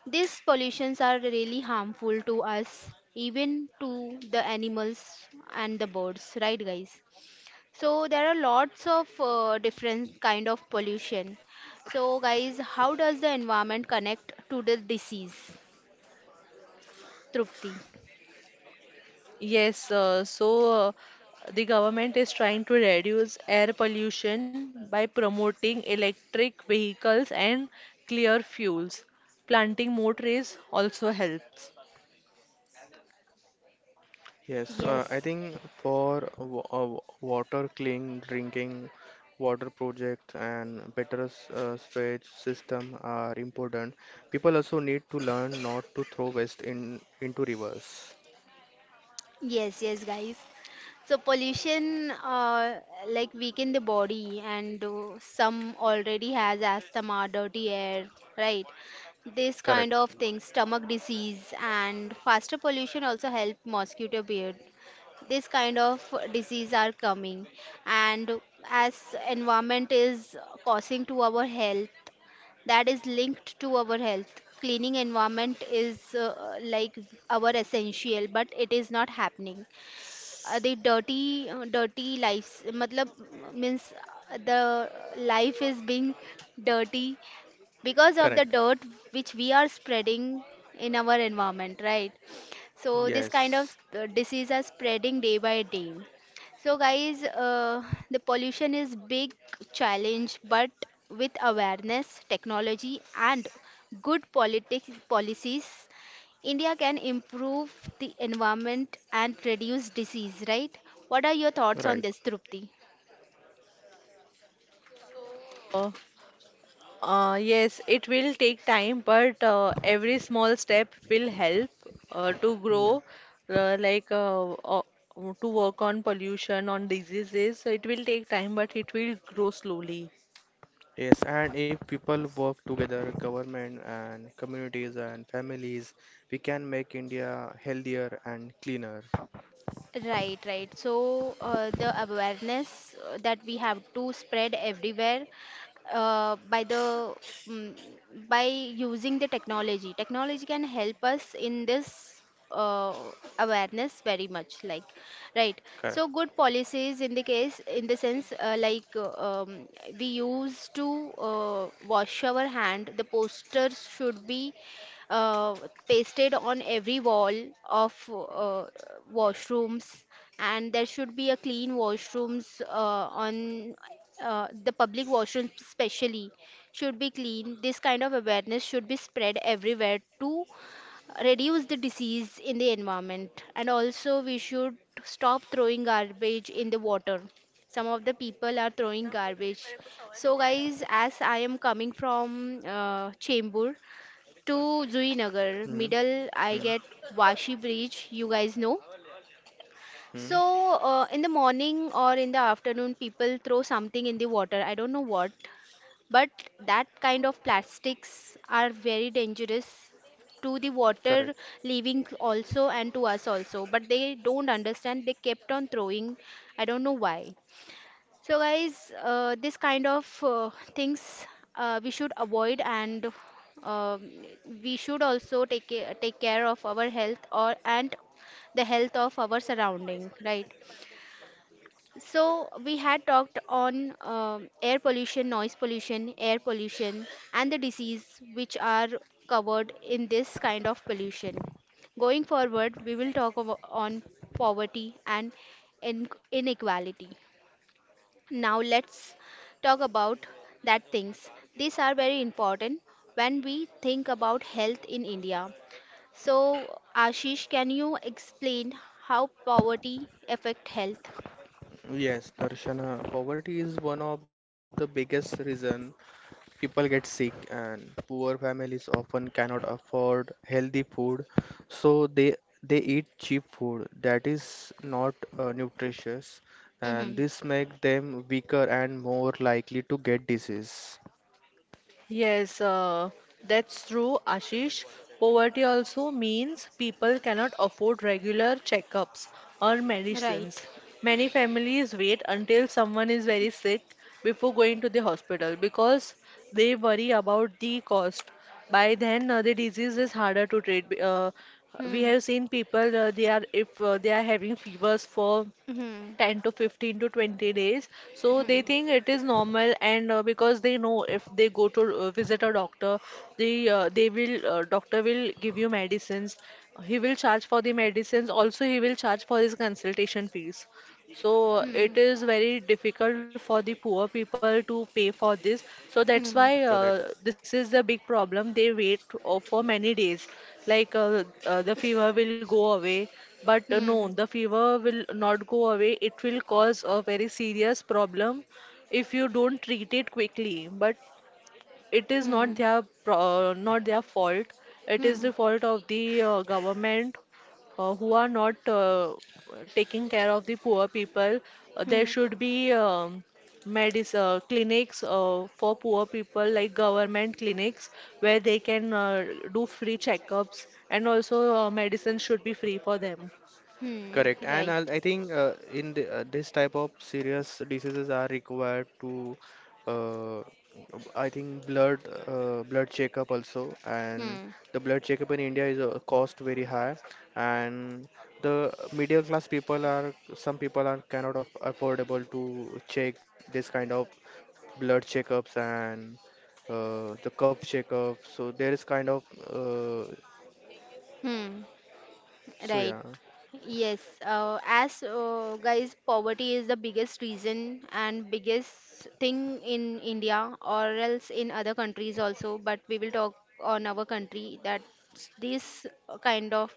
Speaker 1: These pollutions are really harmful to us, even to the animals and the birds, right guys? So there are lots of different kind of pollution. So guys, how does the environment connect to the disease, trupti?
Speaker 2: Yes, the government is trying to reduce air pollution by promoting electric vehicles and clear fuels. Planting more trees also helps.
Speaker 3: yes. I
Speaker 1: Yes.
Speaker 3: think for water clean drinking water project and better sewage system are important. People also need to learn not to throw waste in into rivers.
Speaker 1: Yes, yes, guys. So pollution like weaken the body, and some already has asthma, dirty air, right? This kind
Speaker 3: Correct,
Speaker 1: of things, stomach disease, and faster pollution also help mosquito beard. This kind of disease are coming, and as environment is causing to our health, that is linked to our health. Cleaning environment is like our essential, but it is not happening. The dirty Dirty lives, matlab means the life is being dirty because of the
Speaker 3: correct.
Speaker 1: dirt which we are spreading in our environment, right? So this kind of
Speaker 3: Yes,
Speaker 1: disease are spreading day by day. So guys, the pollution is big challenge, but with awareness, technology, and good politics policies, India can improve the environment and reduce disease. Right? What are your thoughts on
Speaker 3: right.
Speaker 1: this, Trupti?
Speaker 2: Uh, yes, it will take time, but every small step will help to
Speaker 3: Yeah.
Speaker 2: grow, uh, like uh, uh, to work on pollution, on diseases. So it will take time, but it will grow slowly.
Speaker 3: Yes, and if people work together, government and communities and families, we can make India healthier and cleaner.
Speaker 1: Right, right. So the awareness that we have to spread everywhere uh, by the mm by using the technology. Technology can help us in this uh, awareness very much. Like, right. So good policies in the case in the sense we used to wash our hand. The posters should be uh, pasted on every wall of washrooms, and there should be a clean washrooms on the public washrooms especially should be clean. This kind of awareness should be spread everywhere to reduce the disease in the environment, and also we should stop throwing garbage in the water. Some of the people are throwing garbage. So guys, as I am coming from chembur to Zuinagar,
Speaker 3: Correct.
Speaker 1: middle I
Speaker 3: Hmm,
Speaker 1: get Washi Bridge, you guys know.
Speaker 3: hmm,
Speaker 1: So, in the morning or in the afternoon, people throw something in the water. I don't know what, but that kind of plastics are very dangerous to the water
Speaker 3: correct.
Speaker 1: living also and to us also. But they don't understand. They kept on throwing. I don't know why. So, guys, this kind of things we should avoid, and um we should also take care of our health or, and the health of our surrounding, right? So we had talked on air pollution, noise pollution, air pollution, and the disease which are covered in this kind of pollution. Going forward, we will on poverty and in- inequality. Now let's talk about that things. These are very important when we think about health in India. So Ashish, can you explain how poverty affect health?
Speaker 3: Yes, Darshana, poverty is one of the biggest reason people get sick, and poor families often cannot afford healthy food, so they they eat cheap food that is not nutritious, and
Speaker 1: Hmm.
Speaker 3: this make them weaker and more likely to get disease.
Speaker 2: Yes, that's true, Ashish. Poverty also means people cannot afford regular checkups or
Speaker 1: Right.
Speaker 2: medicines. Many families wait until someone is very sick before going to the hospital because they worry about the cost. By then, the disease is harder to treat. We
Speaker 1: Hmm.
Speaker 2: have seen people, they are if they are having fevers for
Speaker 1: Hmm.
Speaker 2: 10 to 15 to 20 days, so they
Speaker 1: Hmm.
Speaker 2: think it is normal. And because they know, if they go to visit a doctor, they will doctor will give you medicines. He will charge for the medicines, also he will charge for his consultation fees. So
Speaker 1: Hmm.
Speaker 2: it is very difficult for the poor people to pay for this. So that's
Speaker 1: Hmm.
Speaker 2: why
Speaker 3: Correct.
Speaker 2: this is the big problem. They wait for many days. Like, the fever will go away. But no,
Speaker 1: Hmm.
Speaker 2: the fever will not go away. It will cause a very serious problem if you don't treat it quickly. But it is not
Speaker 1: Hmm.
Speaker 2: their fault. It is
Speaker 1: Hmm.
Speaker 2: the fault of the government, who are not taking care of the poor people. There
Speaker 1: Hmm.
Speaker 2: should be medis clinics for poor people, like government clinics, where they can do free checkups. And also medicine should be free for them.
Speaker 1: Hmm.
Speaker 3: Correct, and i
Speaker 1: Right.
Speaker 3: I think in this type of serious diseases are required to, uh, I think blood checkup also, and
Speaker 1: Hmm.
Speaker 3: the blood checkup in India is cost very high, and the middle class people are some people are cannot affordable to check this kind of blood checkups and the cup checkup. So there is kind of uh,
Speaker 1: Hmm.
Speaker 3: so
Speaker 1: Right.
Speaker 3: yeah.
Speaker 1: Yes. As Guys, poverty is the biggest reason and biggest thing in India or else in other countries also. But we will talk on our country that these kind of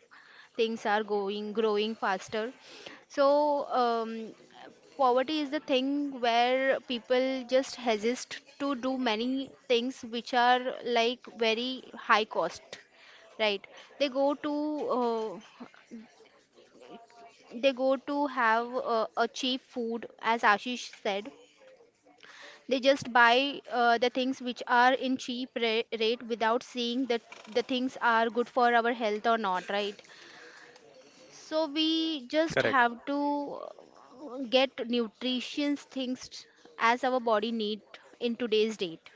Speaker 1: things are going growing faster. So poverty is the thing where people just hesitate to do many things which are like very high cost, right? they go to uh, they go to have a cheap food, as ashish said. They just buy the things which are in cheap rate, without seeing that the things are good for our health or not, right? So we just have
Speaker 3: Correct.
Speaker 1: to get nutritious things as our body need in today's date.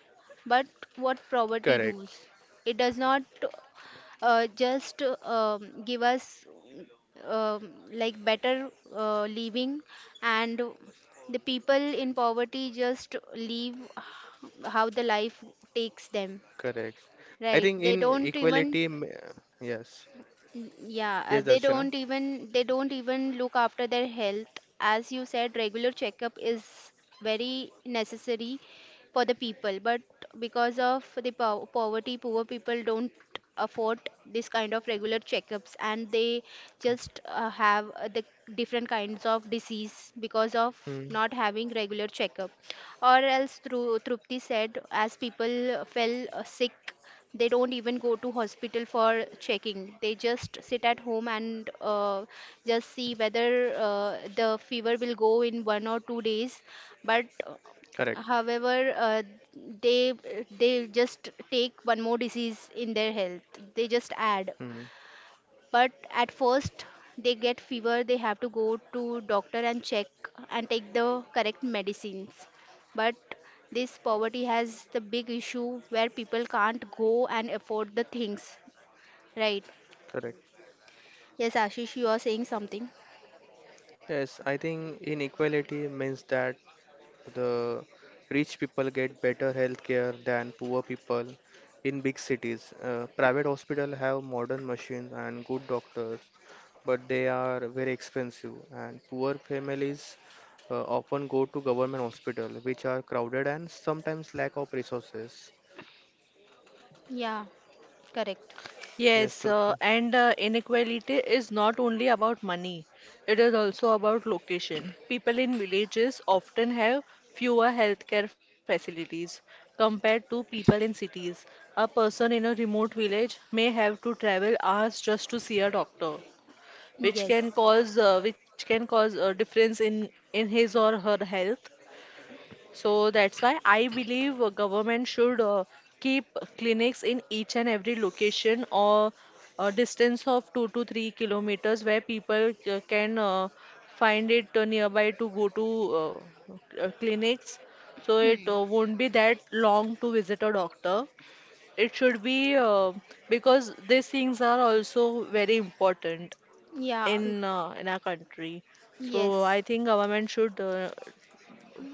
Speaker 1: But what poverty
Speaker 3: Correct.
Speaker 1: does, it does not just give us like better living, and the people in poverty just leave how the life takes them,
Speaker 3: Correct. I
Speaker 1: right?
Speaker 3: think
Speaker 1: They
Speaker 3: in
Speaker 1: don't even.
Speaker 3: equality, yes,
Speaker 1: Mm. Yeah,
Speaker 3: yes,
Speaker 1: they
Speaker 3: Darshana.
Speaker 1: don't even, they don't even look after their health. As you said, regular checkup is very necessary for the people, but because of the po poverty, poor people don't afford this kind of regular checkups, and they just have the different kinds of disease because of
Speaker 3: Hmm.
Speaker 1: not having regular checkup. Or else, through Trupti said, as people fell sick, they don't even go to hospital for checking. They just sit at home and just see whether the fever will go in 1 or 2 days. But
Speaker 3: Correct.
Speaker 1: however, uh, they they just take one more disease in their health. They just add,
Speaker 3: Hmm.
Speaker 1: but at first they get fever, they have to go to doctor and check and take the correct medicines. But this poverty has the big issue where people can't go and afford the things, right?
Speaker 3: Correct.
Speaker 1: Yes ashish, you are saying something.
Speaker 3: Yes, I think inequality means that the rich people get better health care than poor people in big cities. Private hospital have modern machines and good doctors, but they are very expensive, and poor families often go to government hospital, which are crowded and sometimes lack of resources.
Speaker 1: Yeah, correct.
Speaker 2: Yes, and inequality is not only about money, it is also about location. People in villages often have fewer healthcare facilities compared to people in cities. A person in a remote village may have to travel hours just to see a doctor, which
Speaker 1: Yes.
Speaker 2: can cause uh, which can cause a difference in his or her health. So that's why I believe government should keep clinics in each and every location, or a distance of 2 to 3 kilometers, where people can find it nearby to go to clinics. So it won't be that long to visit a doctor. It should be, because these things are also very important
Speaker 1: Yeah.
Speaker 2: in our country. So I
Speaker 1: Yes,
Speaker 2: think government should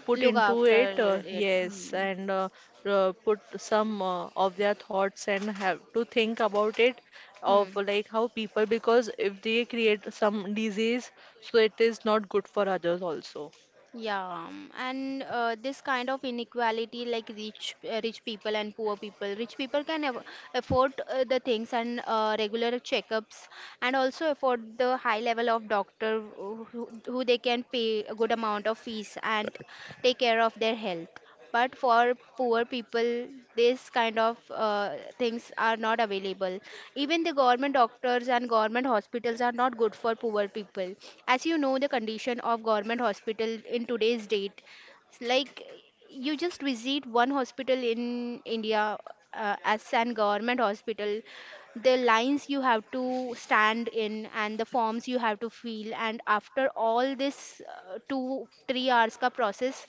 Speaker 2: put
Speaker 1: look
Speaker 2: into
Speaker 1: after
Speaker 2: it.
Speaker 1: it.
Speaker 2: Yes.
Speaker 1: Hmm.
Speaker 2: And put some of their thoughts and have to think about it, of
Speaker 1: Hmm.
Speaker 2: like how people, because if they create some disease, so it is not good for others also.
Speaker 1: Yeah, and this kind of inequality, like rich people and poor people, rich people can afford the things and regular checkups, and also afford the high level of doctor who, who they can pay a good amount of fees and take care of their health. But for poor people, this kind of things are not available. Even the government doctors and government hospitals are not good for poor people. As you know, the condition of government hospital in today's date, it's like you just visit one hospital in india as an government hospital, the lines you have to stand in and the forms you have to fill, and after all this 2 3 hours ka process,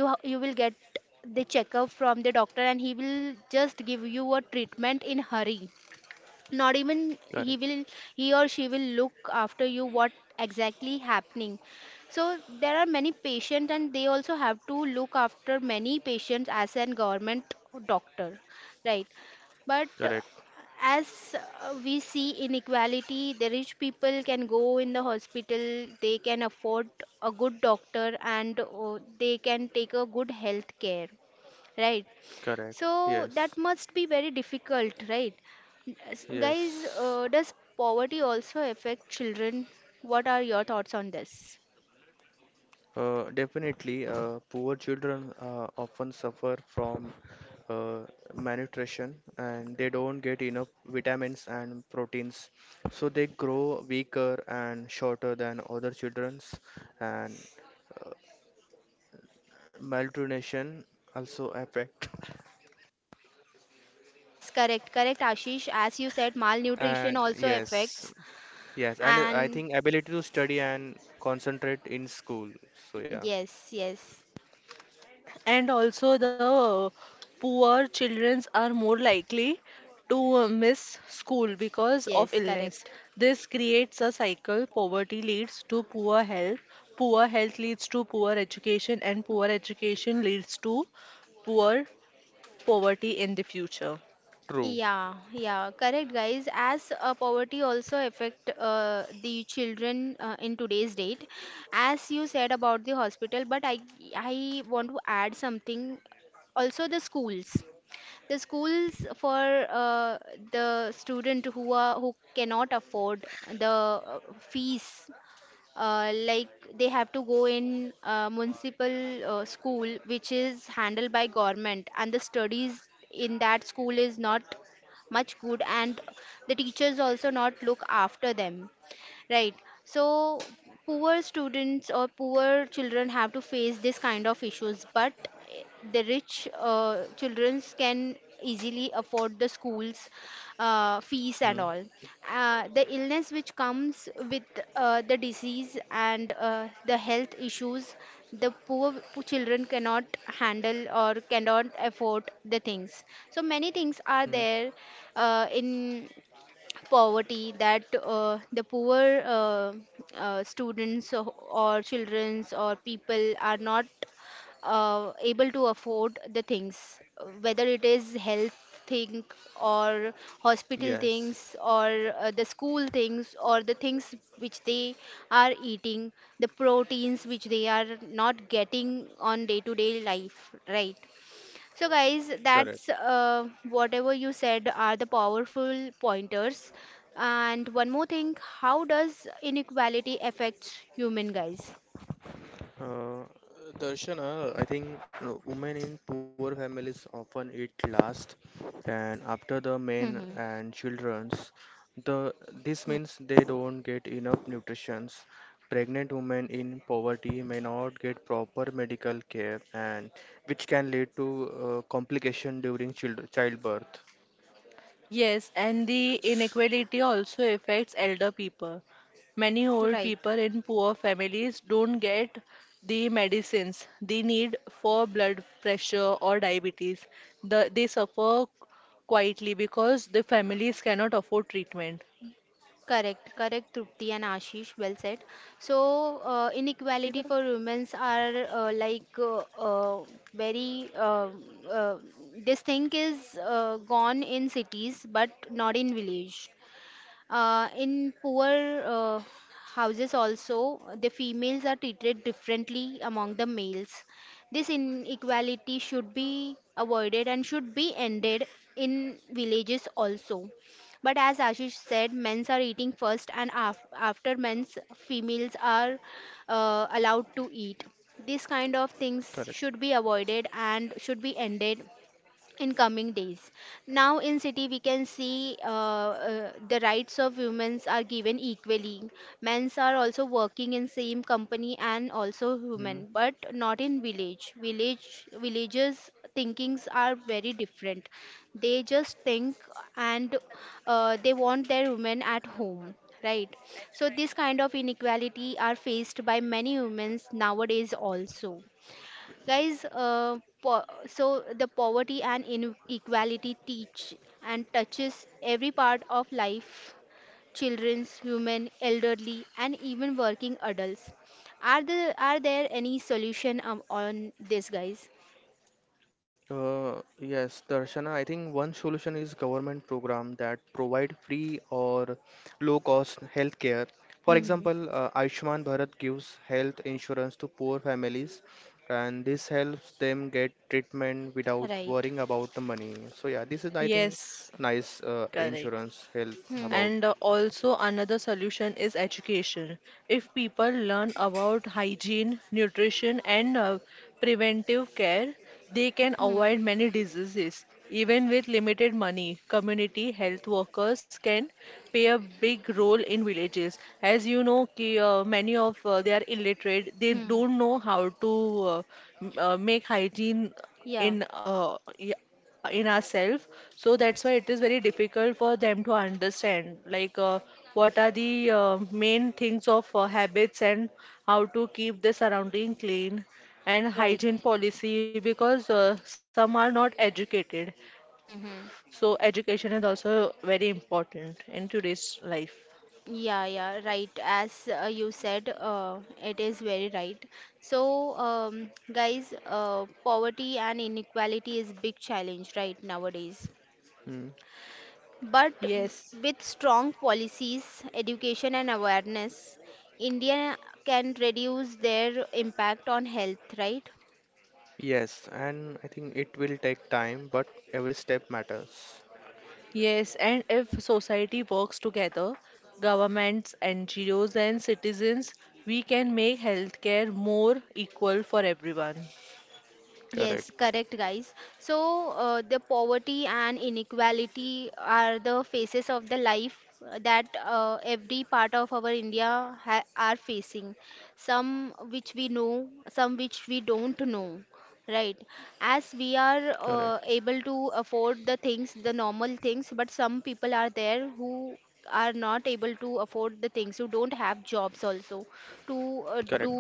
Speaker 1: you will get the checkup from the doctor, and he will just give you a treatment in hurry. Not even he
Speaker 3: Correct,
Speaker 1: will, he or she will look after you what exactly happening. So there are many patients, and they also have to look after many patients as an government doctor, right? But
Speaker 3: correct,
Speaker 1: as we see inequality, the rich people can go in the hospital, they can afford a good doctor, and they can take a good health care, right?
Speaker 3: correct.
Speaker 1: So
Speaker 3: Yes,
Speaker 1: that must be very difficult, right? Guys,
Speaker 3: yes.
Speaker 1: does poverty also affect children? What are your thoughts on this?
Speaker 3: Definitely, poor children often suffer from uh, malnutrition, and they don't get enough vitamins and proteins. So they grow weaker and shorter than other children's, and malnutrition also affect.
Speaker 1: Yes, correct, correct, Ashish. As you said, malnutrition
Speaker 3: And
Speaker 1: also
Speaker 3: yes,
Speaker 1: affects.
Speaker 3: yes, and I
Speaker 1: And
Speaker 3: think ability to study and concentrate in school. So yeah,
Speaker 1: yes, yes,
Speaker 2: And also, the poor children are more likely to miss school because of
Speaker 1: yes,
Speaker 2: illness.
Speaker 1: correct.
Speaker 2: This creates a cycle. Poverty leads to poor health leads to poor education, and poor education leads to poor poverty in the future.
Speaker 3: true.
Speaker 1: Yeah, yeah, correct, guys. As poverty also affect the children in today's date, as you said about the hospital. But I want to add something. Also, the schools for the student who are who cannot afford the fees, like they have to go in municipal school, which is handled by government, and the studies in that school is not much good, and the teachers also not look after them, right? So poor students or poor children have to face this kind of issues. But eh, the rich children can easily afford the schools fees
Speaker 3: Hmm.
Speaker 1: and all. The illness which comes with the disease and the health issues, the poor children cannot handle or cannot afford the things. So many things are
Speaker 3: Hmm.
Speaker 1: there in poverty that the poor students or childrens or people are not able to afford the things, whether it is health thing or hospital things
Speaker 3: Yes,
Speaker 1: or the school things or the things which they are eating, the proteins which they are not getting on day to day life, right? So, guys, that's
Speaker 3: correct.
Speaker 1: whatever you said are the powerful pointers. And one more thing, how does inequality affect human guys?
Speaker 3: Uh, Darshana, I think women in poor families often eat last, and after the men
Speaker 1: Hmm.
Speaker 3: and children's, the this means they don't get enough nutrition. Pregnant women in poverty may not get proper medical care, and which can lead to complication during childbirth.
Speaker 2: Yes, and the inequality also affects elder people. Many old
Speaker 1: Right.
Speaker 2: people in poor families don't get the medicines they need for blood pressure or diabetes. They suffer quietly because the families cannot afford treatment.
Speaker 1: Correct, correct, Trupti and Ashish, well said. So, inequality for women's are like very uh, this thing is gone in cities but not in village. In poor houses also, the females are treated differently among the males. This inequality should be avoided and should be ended in villages also. But as Ashish said, men's are eating first, and after men's, females are allowed to eat. These kind of things
Speaker 3: Correct.
Speaker 1: should be avoided and should be ended in coming days. Now in city we can see the rights of women are given equally. Men's are also working in same company and also women, but not in village. Villages thinkings are very different. They just think and they want their women at home. Right. So this kind of inequality are faced by many women nowadays also. Guys, so the poverty and inequality teach and touches every part of life, children's, human, elderly, and even working adults. Are there are there any solution on this, guys?
Speaker 3: Yes, Darshana, I think one solution is government program that provide free or low cost healthcare. For
Speaker 1: Hmm.
Speaker 3: example, Ayushman Bharat gives health insurance to poor families, and this helps them get treatment without
Speaker 1: Right.
Speaker 3: worrying about the money. So yeah, this is I think
Speaker 2: Yes,
Speaker 3: nice
Speaker 2: correct.
Speaker 3: insurance health
Speaker 1: Hmm.
Speaker 3: about.
Speaker 2: And also, another solution is education. If people learn about hygiene, nutrition, and preventive care, they can
Speaker 1: Hmm.
Speaker 2: avoid many diseases. Even with limited money, community health workers can play a big role in villages. As you know, many of they are illiterate. They
Speaker 1: Hmm.
Speaker 2: don't know how to make hygiene
Speaker 1: Yeah.
Speaker 2: in ourselves. So that's why it is very difficult for them to understand, like what are the main things of habits and how to keep the surrounding clean and
Speaker 1: Right.
Speaker 2: hygiene policy, because some are not educated.
Speaker 1: Hmm.
Speaker 2: So education is also very important in today's life.
Speaker 1: Yeah, yeah, right. As you said, it is very right. So, guys, poverty and inequality is big challenge right nowadays.
Speaker 3: Mm.
Speaker 1: But
Speaker 2: Yes,
Speaker 1: with strong policies, education, and awareness, India can reduce their impact on health, right?
Speaker 3: Yes, and I think it will take time, but every step matters.
Speaker 2: yes, and if society works together, governments, NGOs, and citizens, we can make healthcare more equal for everyone.
Speaker 1: Yes,
Speaker 3: Correct,
Speaker 1: correct, guys. So, the poverty and inequality are the faces of the life that every part of our India ha are facing. Some which we know, some which we don't know, right? As we are
Speaker 3: correct,
Speaker 1: able to afford the things, the normal things, but some people are there who are not able to afford the things, who don't have jobs also to
Speaker 3: correct.
Speaker 1: do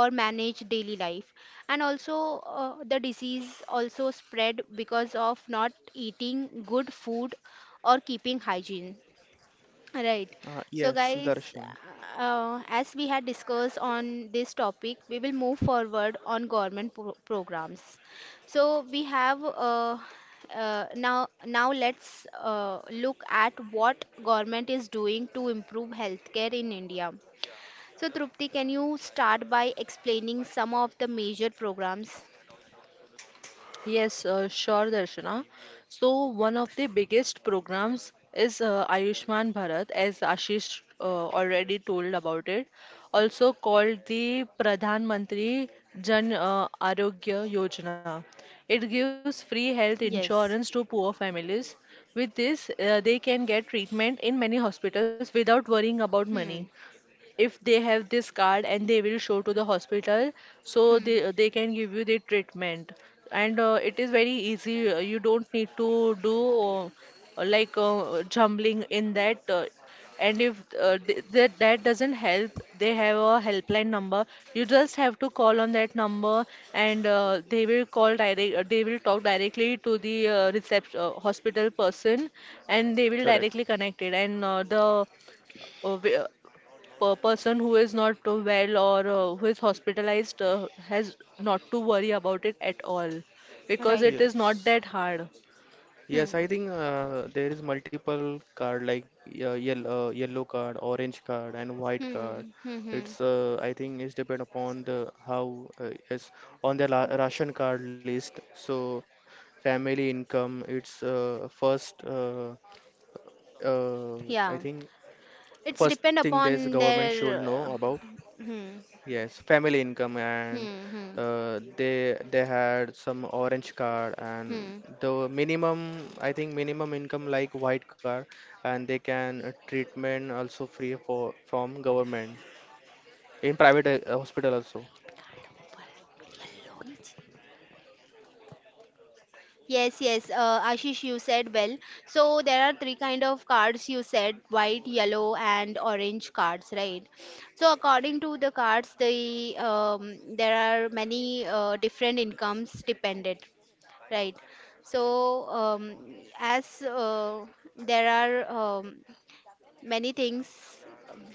Speaker 1: or manage daily life, and also the disease also spread because of not eating good food or keeping hygiene, right? So,
Speaker 3: Yes,
Speaker 1: guys,
Speaker 3: Darshan.
Speaker 1: as we had discussed on this topic, we will move forward on government programs. So we have now now let's look at what government is doing to improve healthcare in India. So, Trupti, can you start by explaining some of the major programs?
Speaker 2: Yes, sure, Darshana. So, one of the biggest programs is Ayushman Bharat, as Ashish already told about it, also called the Pradhan Mantri Jan Arogya Yojana. It gives free health insurance
Speaker 1: Yes.
Speaker 2: to poor families. With this, they can get treatment in many hospitals without worrying about money,
Speaker 1: Hmm.
Speaker 2: if they have this card and they will show to the hospital, so
Speaker 1: Hmm.
Speaker 2: they can give you the treatment. And it is very easy. You don't need to do uh, jumbling in that. And if th that doesn't help, they have a helpline number. You just have to call on that number. And they will talk directly to the reception hospital person. And they will
Speaker 3: Correct.
Speaker 2: directly connect it. And the wi- per person who is not well, or who is hospitalized has not to worry about it at all, because
Speaker 1: Right.
Speaker 2: it is
Speaker 3: Yes.
Speaker 2: not that hard.
Speaker 3: Yes,
Speaker 1: Hmm.
Speaker 3: I think there is multiple card like yellow card, orange card, and white card.
Speaker 1: Hmm. Hmm. Hmm.
Speaker 3: It's I think it's depend upon the how it's on the la ration card list. So family income, it's first uh, I
Speaker 1: Yeah.
Speaker 3: think
Speaker 1: It's
Speaker 3: first thing
Speaker 1: depend
Speaker 3: this
Speaker 1: upon
Speaker 3: government should know
Speaker 1: their.
Speaker 3: about.
Speaker 1: Hmm.
Speaker 3: Yes, family income and
Speaker 1: Hmm.
Speaker 3: they had some orange card and
Speaker 1: Hmm.
Speaker 3: the minimum I think minimum income like white card and they can treatment also free for from government in private hospital also.
Speaker 1: Hmm. Yes, yes, Ashish, you said well. So there are three kind of cards you said, white, yellow, and orange cards, right? So according to the cards, the there are many different incomes dependent, right? So as there are many things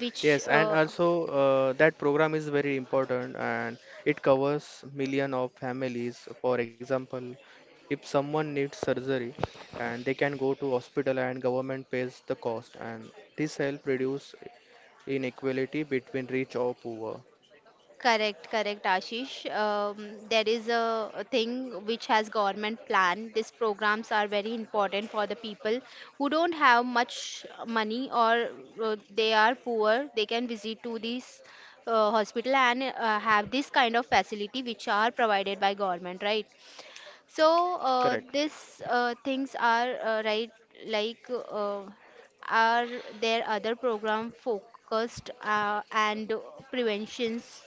Speaker 1: which
Speaker 3: Yes, and also that program is very important and it covers million of families. For example, if someone needs surgery and they can go to hospital and government pays the cost and this help reduce inequality between rich or poor.
Speaker 1: Correct, correct, Ashish. There is a thing which has government plan. These programs are very important for the people who don't have much money or they are poor. They can visit to this hospital and have this kind of facility which are provided by government, right? So uh,
Speaker 3: Correct.
Speaker 1: these uh, things are right, like uh, are there other program focused and preventions,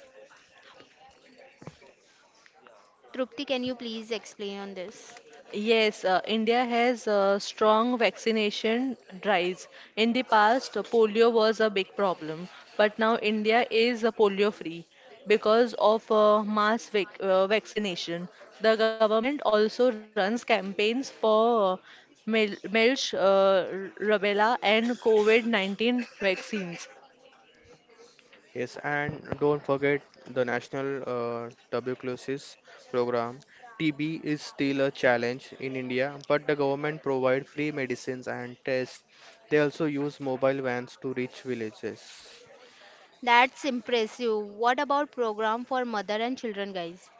Speaker 1: Trupti, can you please explain on this?
Speaker 2: Yes, India has strong vaccination drives. In the past, polio was a big problem, but now India is polio free because of mass vaccination. The government also runs campaigns for rubella, and COVID-19 vaccines.
Speaker 3: Yes, and don't forget the National Tuberculosis Program. TB is still a challenge in India, but the government provide free medicines and tests. They also use mobile vans to reach villages.
Speaker 1: That's impressive. What about program for mother and children, guys?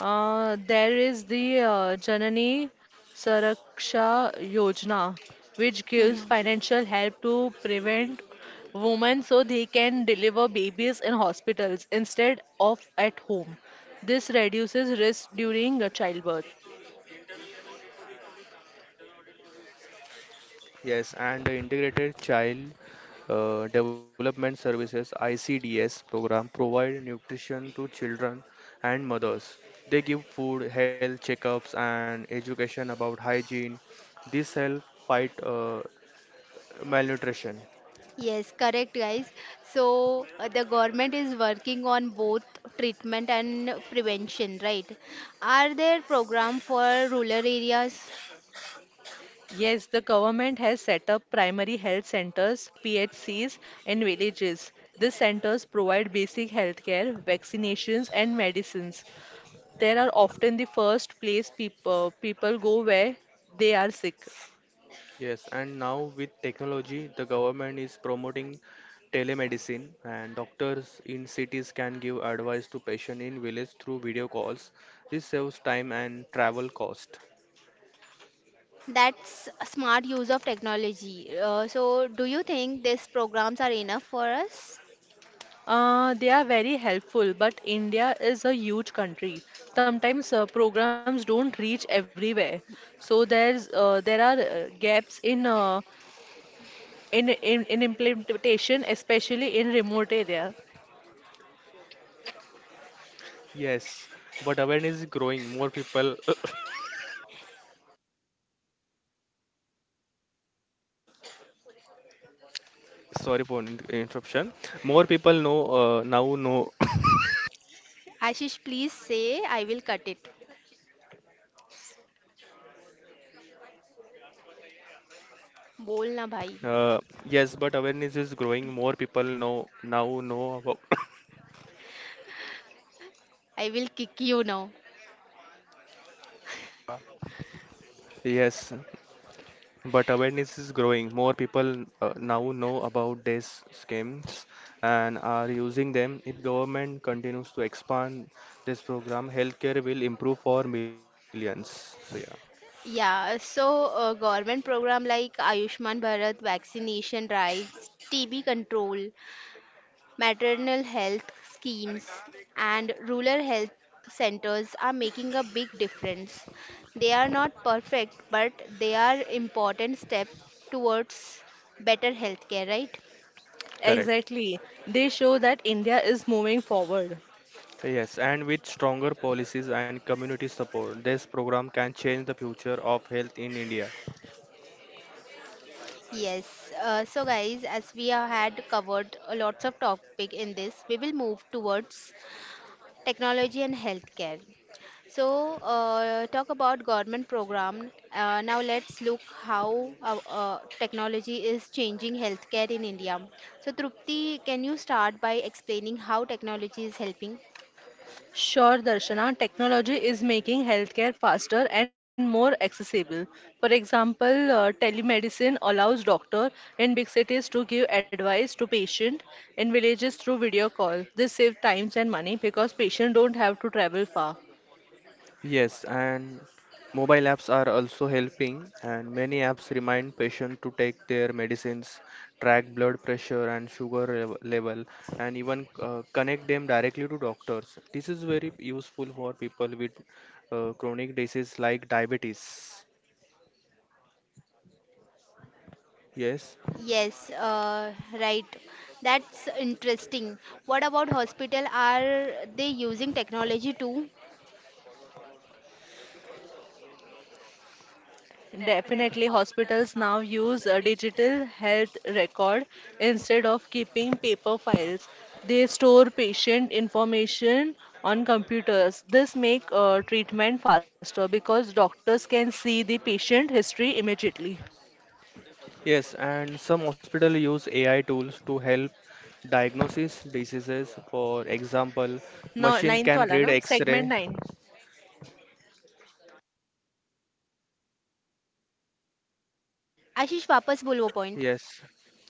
Speaker 2: There is the Janani Suraksha Yojana, which gives
Speaker 1: Mhm.
Speaker 2: financial help to prevent women so they can deliver babies in hospitals instead of at home. This reduces risk during childbirth.
Speaker 3: Yes, and the Integrated Child Development Services ICDS program provide nutrition to children and mothers. They give food, health checkups, and education about hygiene. This help fight malnutrition.
Speaker 1: Yes, correct, guys. So the government is working on both treatment and prevention, right? Are there program for rural areas?
Speaker 2: Yes, the government has set up primary health centers, PHCs, in villages. These centers provide basic health care, vaccinations, and medicines. There are often the first place people go where they are sick.
Speaker 3: Yes, and now with technology, the government is promoting telemedicine, and doctors in cities can give advice to patient in village through video calls. This saves time and travel cost.
Speaker 1: That's a smart use of technology. So do you think these programs are enough for us?
Speaker 2: They are very helpful, but India is a huge country. Sometimes programs don't reach everywhere, so there are gaps in implementation, especially in remote area.
Speaker 3: Yes, but awareness is growing. More people, sorry for interruption. More people know now know.
Speaker 1: Ashish, please say, I will cut it. Bol na bhai.
Speaker 3: Uh, yes, but awareness is growing. More people know now know about.
Speaker 1: I will kick you now.
Speaker 3: Yes, but awareness is growing. More people now know about these schemes and are using them. If government continues to expand this program, healthcare will improve for millions. So yeah,
Speaker 1: Yeah, so government program like Ayushman Bharat vaccination drives, TB control, maternal health schemes, and rural health centers are making a big difference. They are not perfect, but they are important step towards better healthcare, right?
Speaker 3: correct.
Speaker 2: Exactly, they show that India is moving forward.
Speaker 3: Yes, and with stronger policies and community support, this program can change the future of health in India.
Speaker 1: Yes. So, guys, as we have had covered a lots of topic in this, we will move towards technology and healthcare. So, talk about government program. Now let's look how technology is changing healthcare in India. So, Trupti, can you start by explaining how technology is helping?
Speaker 2: Sure, Darshana, technology is making healthcare faster and more accessible. For example, telemedicine allows doctor in big cities to give advice to patient in villages through video call. This saves times and money because patients don't have to travel far.
Speaker 3: Yes, and mobile apps are also helping, and many apps remind patients to take their medicines, track blood pressure and sugar level, and even connect them directly to doctors. This is very useful for people with chronic disease like diabetes. Yes.
Speaker 1: Yes, right. That's interesting. What about hospital? Are they using technology too?
Speaker 2: Definitely, hospitals now use a digital health record instead of keeping paper files. They store patient information on computers. This make treatment faster because doctors can see the patient history immediately.
Speaker 3: Yes, and some hospitals use AI tools to help diagnosis diseases. For example,
Speaker 2: नौ
Speaker 3: machine
Speaker 2: ninth वाला
Speaker 3: can
Speaker 2: ना
Speaker 3: read
Speaker 2: segment
Speaker 3: X-ray.
Speaker 2: Nine.
Speaker 1: Ashish, वापस बोल वो point.
Speaker 3: Yes,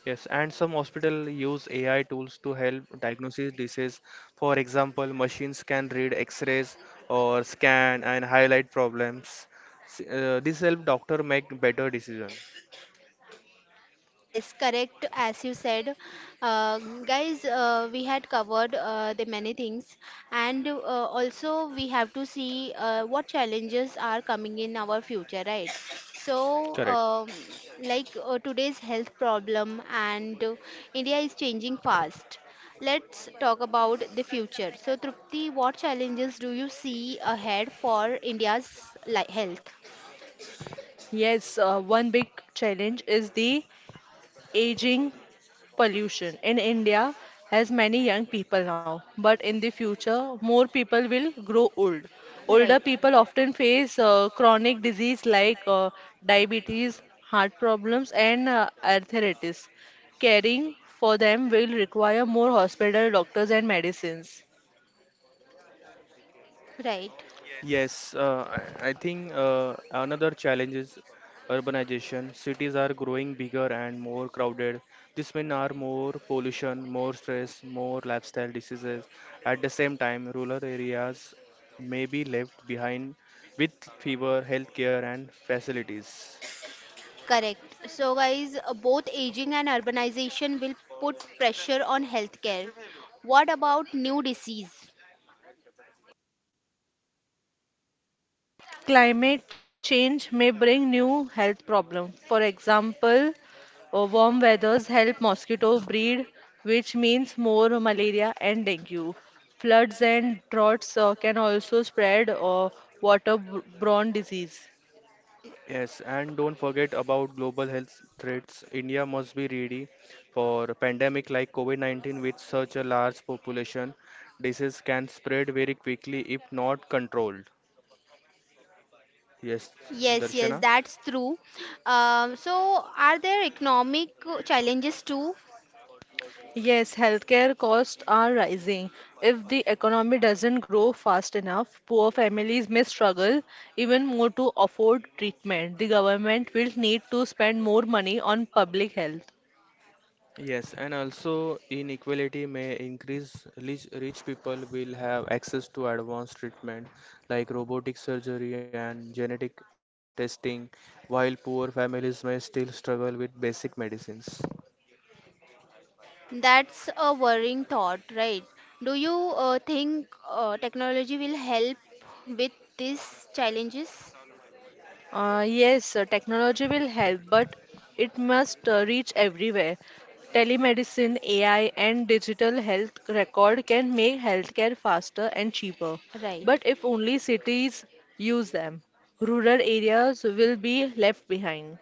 Speaker 3: yes, and some hospital use AI tools to help diagnosis disease. For example, machines can read X-rays or scan and highlight problems. This help doctor make better decision.
Speaker 1: Yes, correct, as you said. Uh, Guys, we had covered the many things, and also we have to see what challenges are coming in our future, right? So,
Speaker 3: Correct.
Speaker 1: like today's health problem, and India is changing fast. Let's talk about the future. So, Trupti, what challenges do you see ahead for India's li health?
Speaker 2: Yes, one big challenge is the aging pollution in India, has many young people now, but in the future more people will grow old. Older
Speaker 1: Right.
Speaker 2: people often face chronic disease like diabetes, heart problems, and arthritis. Caring for them will require more hospital doctors and medicines.
Speaker 1: Right.
Speaker 3: Yes, I think another challenge is urbanization. Cities are growing bigger and more crowded. This means are more pollution, more stress, more lifestyle diseases. At the same time, rural areas may be left behind with fewer healthcare and facilities.
Speaker 1: Correct. So, guys, both aging and urbanization will put pressure on healthcare. What about new disease?
Speaker 2: Climate change may bring new health problems. For example, warm weathers help mosquito breed, which means more malaria and dengue. Floods and droughts can also spread waterborne disease.
Speaker 3: Yes, and don't forget about global health threats. India must be ready for a pandemic like COVID-19 with such a large population. Disease can spread very quickly if not controlled. Yes,
Speaker 1: Yes, yes,
Speaker 3: Darshana?
Speaker 1: that's true. So, are there economic challenges too?
Speaker 2: Yes, healthcare costs are rising. If the economy doesn't grow fast enough, poor families may struggle even more to afford treatment. The government will need to spend more money on public health.
Speaker 3: Yes, and also inequality may increase. Rich people will have access to advanced treatment like robotic surgery and genetic testing, while poor families may still struggle with basic medicines.
Speaker 1: That's a worrying thought, right? Do you think technology will help with these challenges?
Speaker 2: Yes, technology will help, but it must reach everywhere. Telemedicine, AI, and digital health record can make healthcare faster and cheaper,
Speaker 1: Right.
Speaker 2: but if only cities use them, rural areas will be left behind.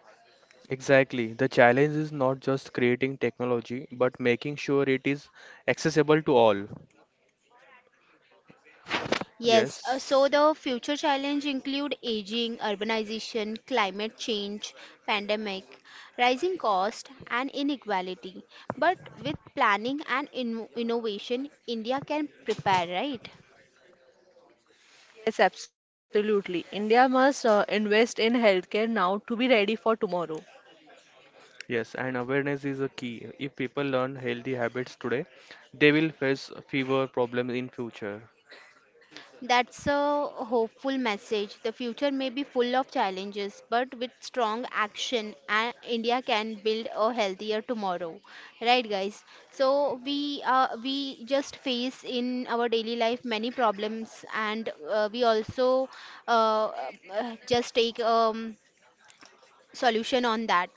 Speaker 3: Exactly. The challenge is not just creating technology, but making sure it is accessible to all.
Speaker 1: Yes, so
Speaker 3: Yes,
Speaker 1: the future challenge include aging, urbanization, climate change, pandemic, rising cost and inequality. But with planning and innovation, India can prepare, right?
Speaker 2: Yes, absolutely. India must invest in healthcare now to be ready for tomorrow.
Speaker 3: yes, and awareness is a key. If people learn healthy habits today, they will face fewer problems in future.
Speaker 1: That's a hopeful message. The future may be full of challenges, but with strong action, India can build a healthier tomorrow. Right, guys? So we just face in our daily life many problems, and we also uh, just take solution on that,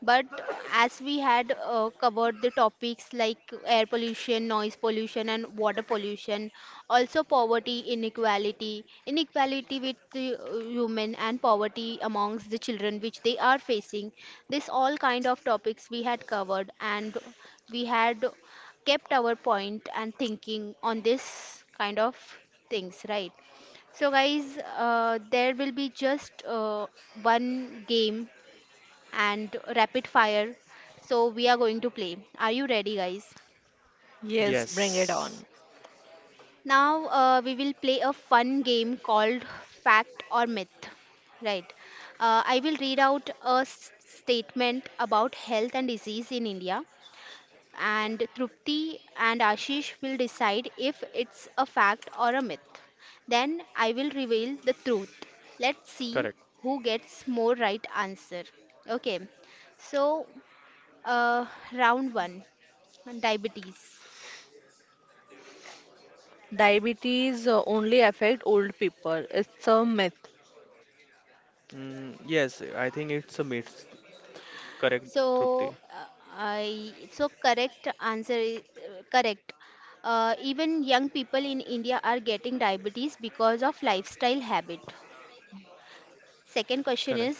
Speaker 1: but as we had covered the topics like air pollution, noise pollution, and water pollution, also poverty, inequality with the women and poverty amongst the children which they are facing, this all kind of topics we had covered, and we had kept our point and thinking on this kind of things, right? So, guys, there will be just one game and rapid fire. So we are going to play. Are you ready, guys?
Speaker 2: Yes, bring it
Speaker 3: Yes,
Speaker 2: on.
Speaker 1: Now we will play a fun game called Fact or Myth. Right. I will read out a statement about health and disease in India, and Trupti and Ashish will decide if it's a fact or a myth. Then I will reveal the truth. Let's see
Speaker 3: correct.
Speaker 1: who gets more right answer. Okay. So, uh, round one. And diabetes.
Speaker 2: Diabetes only affect old people. It's a myth.
Speaker 3: Mm, yes, I think it's a myth. Correct,
Speaker 1: So
Speaker 3: Trupti.
Speaker 1: uh, I so correct answer is correct. Even young people in India are getting diabetes because of lifestyle habit.
Speaker 3: Correct.
Speaker 1: Second question is,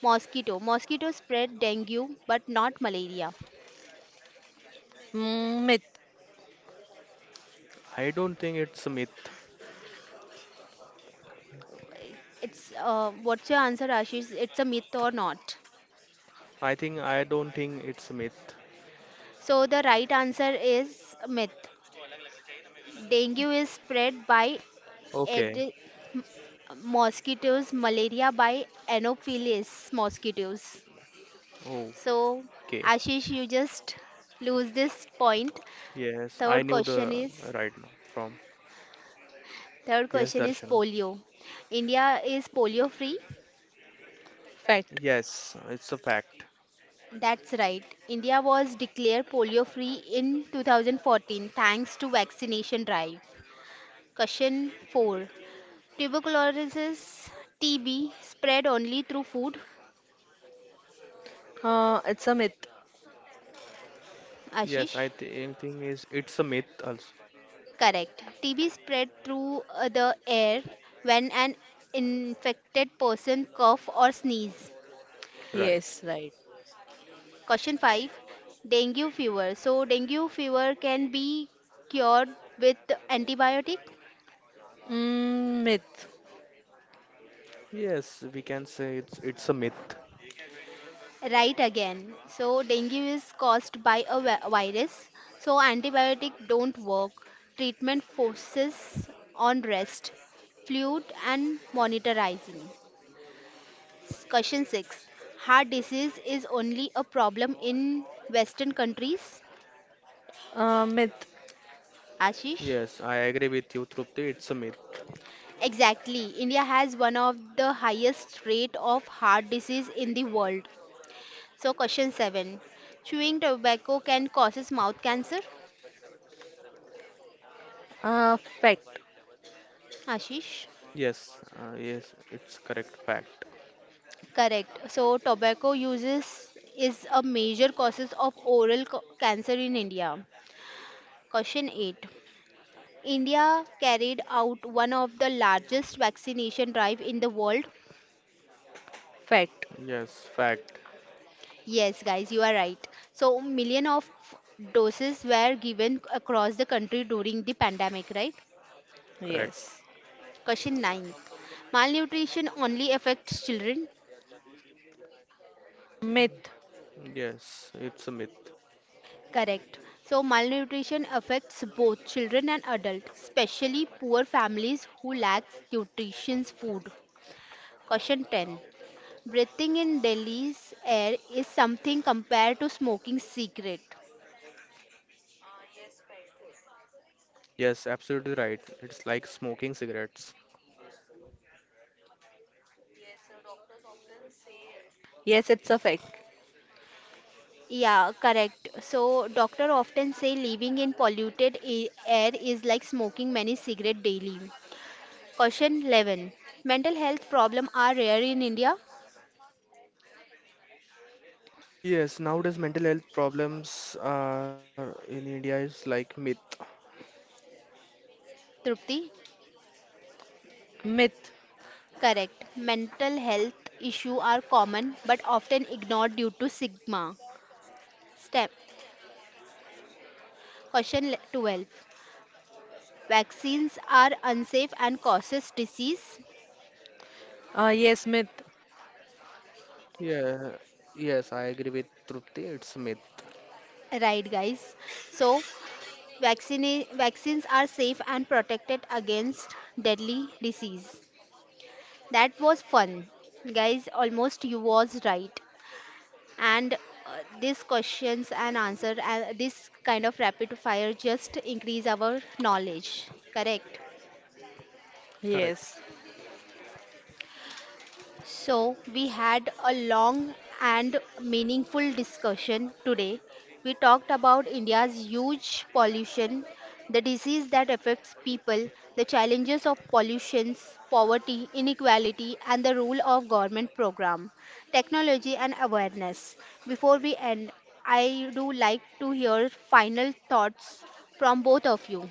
Speaker 1: mosquito spread dengue but not malaria.
Speaker 2: Mm, myth.
Speaker 3: I don't think it's a myth.
Speaker 1: It's what's your answer, Ashish? It's a myth or not?
Speaker 3: I think I don't think it's a myth.
Speaker 1: So the right answer is myth. Dengue is spread by
Speaker 3: Okay.
Speaker 1: Aedes mosquitoes, malaria by anopheles mosquitoes.
Speaker 3: Oh,
Speaker 1: So
Speaker 3: okay.
Speaker 1: Ashish, you just lose this point.
Speaker 3: Yes, I
Speaker 1: Third
Speaker 3: knew
Speaker 1: question
Speaker 3: the
Speaker 1: is,
Speaker 3: right now from.
Speaker 1: third
Speaker 3: Yes,
Speaker 1: question is,
Speaker 3: Darshan.
Speaker 1: polio. India is polio free.
Speaker 2: Fact.
Speaker 3: Yes, it's a fact.
Speaker 1: That's right, India was declared polio free in 2014 thanks to vaccination drive. Question 4, tuberculosis. TB spread only through food.
Speaker 2: It's a myth.
Speaker 3: Yes, I
Speaker 1: Ashish?
Speaker 3: think thing is it's a myth also.
Speaker 1: Correct. TB spread through the air when an infected person cough or sneeze.
Speaker 3: Right.
Speaker 2: Yes, right.
Speaker 1: Question 5. Dengue fever. So dengue fever can be cured with antibiotic.
Speaker 2: Mm, myth.
Speaker 3: Yes, we can say it's a myth.
Speaker 1: Right again. So dengue is caused by a virus. So antibiotic don't work. Treatment focuses on rest, fluid and monitoring. Question 6. Heart disease is only a problem in Western countries?
Speaker 2: Myth.
Speaker 1: Ashish?
Speaker 3: Yes, I agree with you, Trupti. It's a myth.
Speaker 1: Exactly. India has one of the highest rate of heart disease in the world. So question 7. Chewing tobacco can causes mouth cancer?
Speaker 2: Fact.
Speaker 1: Ashish?
Speaker 3: Yes, yes, it's correct fact.
Speaker 1: Correct. So tobacco uses is a major causes of oral cancer in India. Question 8. India carried out one of the largest vaccination drive in the world.
Speaker 2: Fact.
Speaker 3: Yes, fact.
Speaker 1: Yes, guys, you are right. So, million of doses were given across the country during the pandemic, right?
Speaker 3: Correct.
Speaker 2: Yes.
Speaker 1: Question 9. Malnutrition only affects children?
Speaker 2: Myth.
Speaker 3: Yes, it's a myth.
Speaker 1: Correct. So, malnutrition affects both children and adults, especially poor families who lack nutritious food. Question 10. Breathing in Delhi's air is something compared to smoking cigarette.
Speaker 3: Yes, absolutely right. It's like smoking cigarettes.
Speaker 2: Yes, it's a fact.
Speaker 1: Yeah, correct. So, doctor often say living in polluted air is like smoking many cigarette daily. Question 11. Mental health problem are rare in India?
Speaker 2: Myth.
Speaker 3: Yes, nowadays mental health problems are in India is like myth.
Speaker 1: Trupti?
Speaker 2: Myth.
Speaker 1: Correct. Mental health issue are common but often ignored due to stigma. Step. Question 12. Vaccines are unsafe and causes disease?
Speaker 2: Yes, myth.
Speaker 3: Yeah, yes, I agree with Trupti. It's a myth.
Speaker 1: Right, guys. So, vaccines are safe and protected against deadly disease. That was fun. Guys, almost you was right. And these questions and answer, this kind of rapid fire just increase our knowledge. Correct.
Speaker 3: Correct.
Speaker 2: Yes.
Speaker 1: So, we had a long and meaningful discussion today. We talked about India's huge pollution, the disease that affects people, the challenges of pollution, poverty, inequality, and the role of government program, technology, and awareness. Before we end, I do like to hear final thoughts from both of you.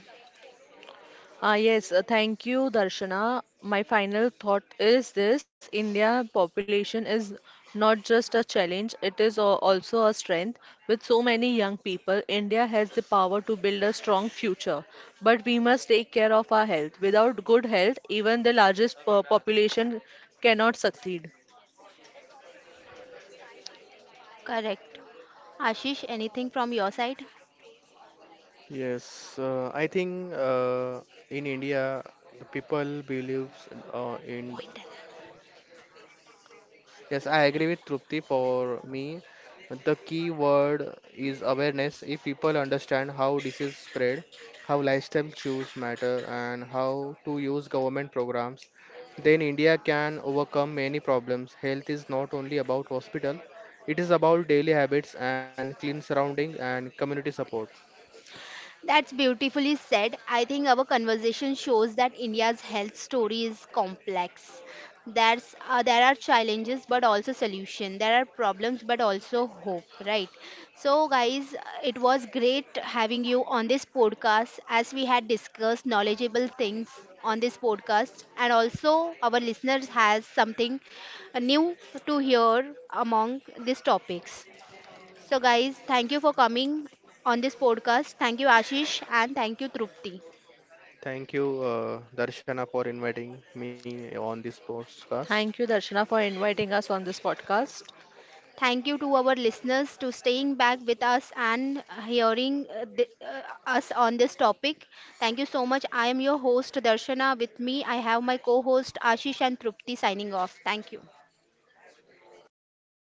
Speaker 2: Yes, thank you, Darshana. My final thought is this: India population is not just a challenge; it is also a strength. With so many young people, India has the power to build a strong future. But we must take care of our health. Without good health, even the largest population cannot succeed.
Speaker 1: Correct. Ashish, anything from your side?
Speaker 3: Yes, I think in India, the people believes in.
Speaker 1: Point.
Speaker 3: Yes, I agree with Trupti. For me, the key word is awareness. If people understand how disease spread, how lifestyle choose matter, and how to use government programs, then India can overcome many problems. Health is not only about hospital; it is about daily habits and clean surroundings and community support.
Speaker 1: That's beautifully said. I think our conversation shows that India's health story is complex. There's, there are challenges but also solution. There are problems but also hope, right? So, guys, it was great having you on this podcast as we had discussed knowledgeable things on this podcast, and also our listeners has something new to hear among these topics. So, guys, thank you for coming on this podcast. Thank you, Ashish, and thank you, Trupti.
Speaker 3: Thank you, Darshana, for inviting me on this podcast.
Speaker 2: Thank you, Darshana, for inviting us on this podcast.
Speaker 1: Thank you to our listeners to staying back with us and hearing us on this topic. Thank you so much. I am your host, Darshana. With me, I have my co-host Ashish and Trupti signing off. Thank you.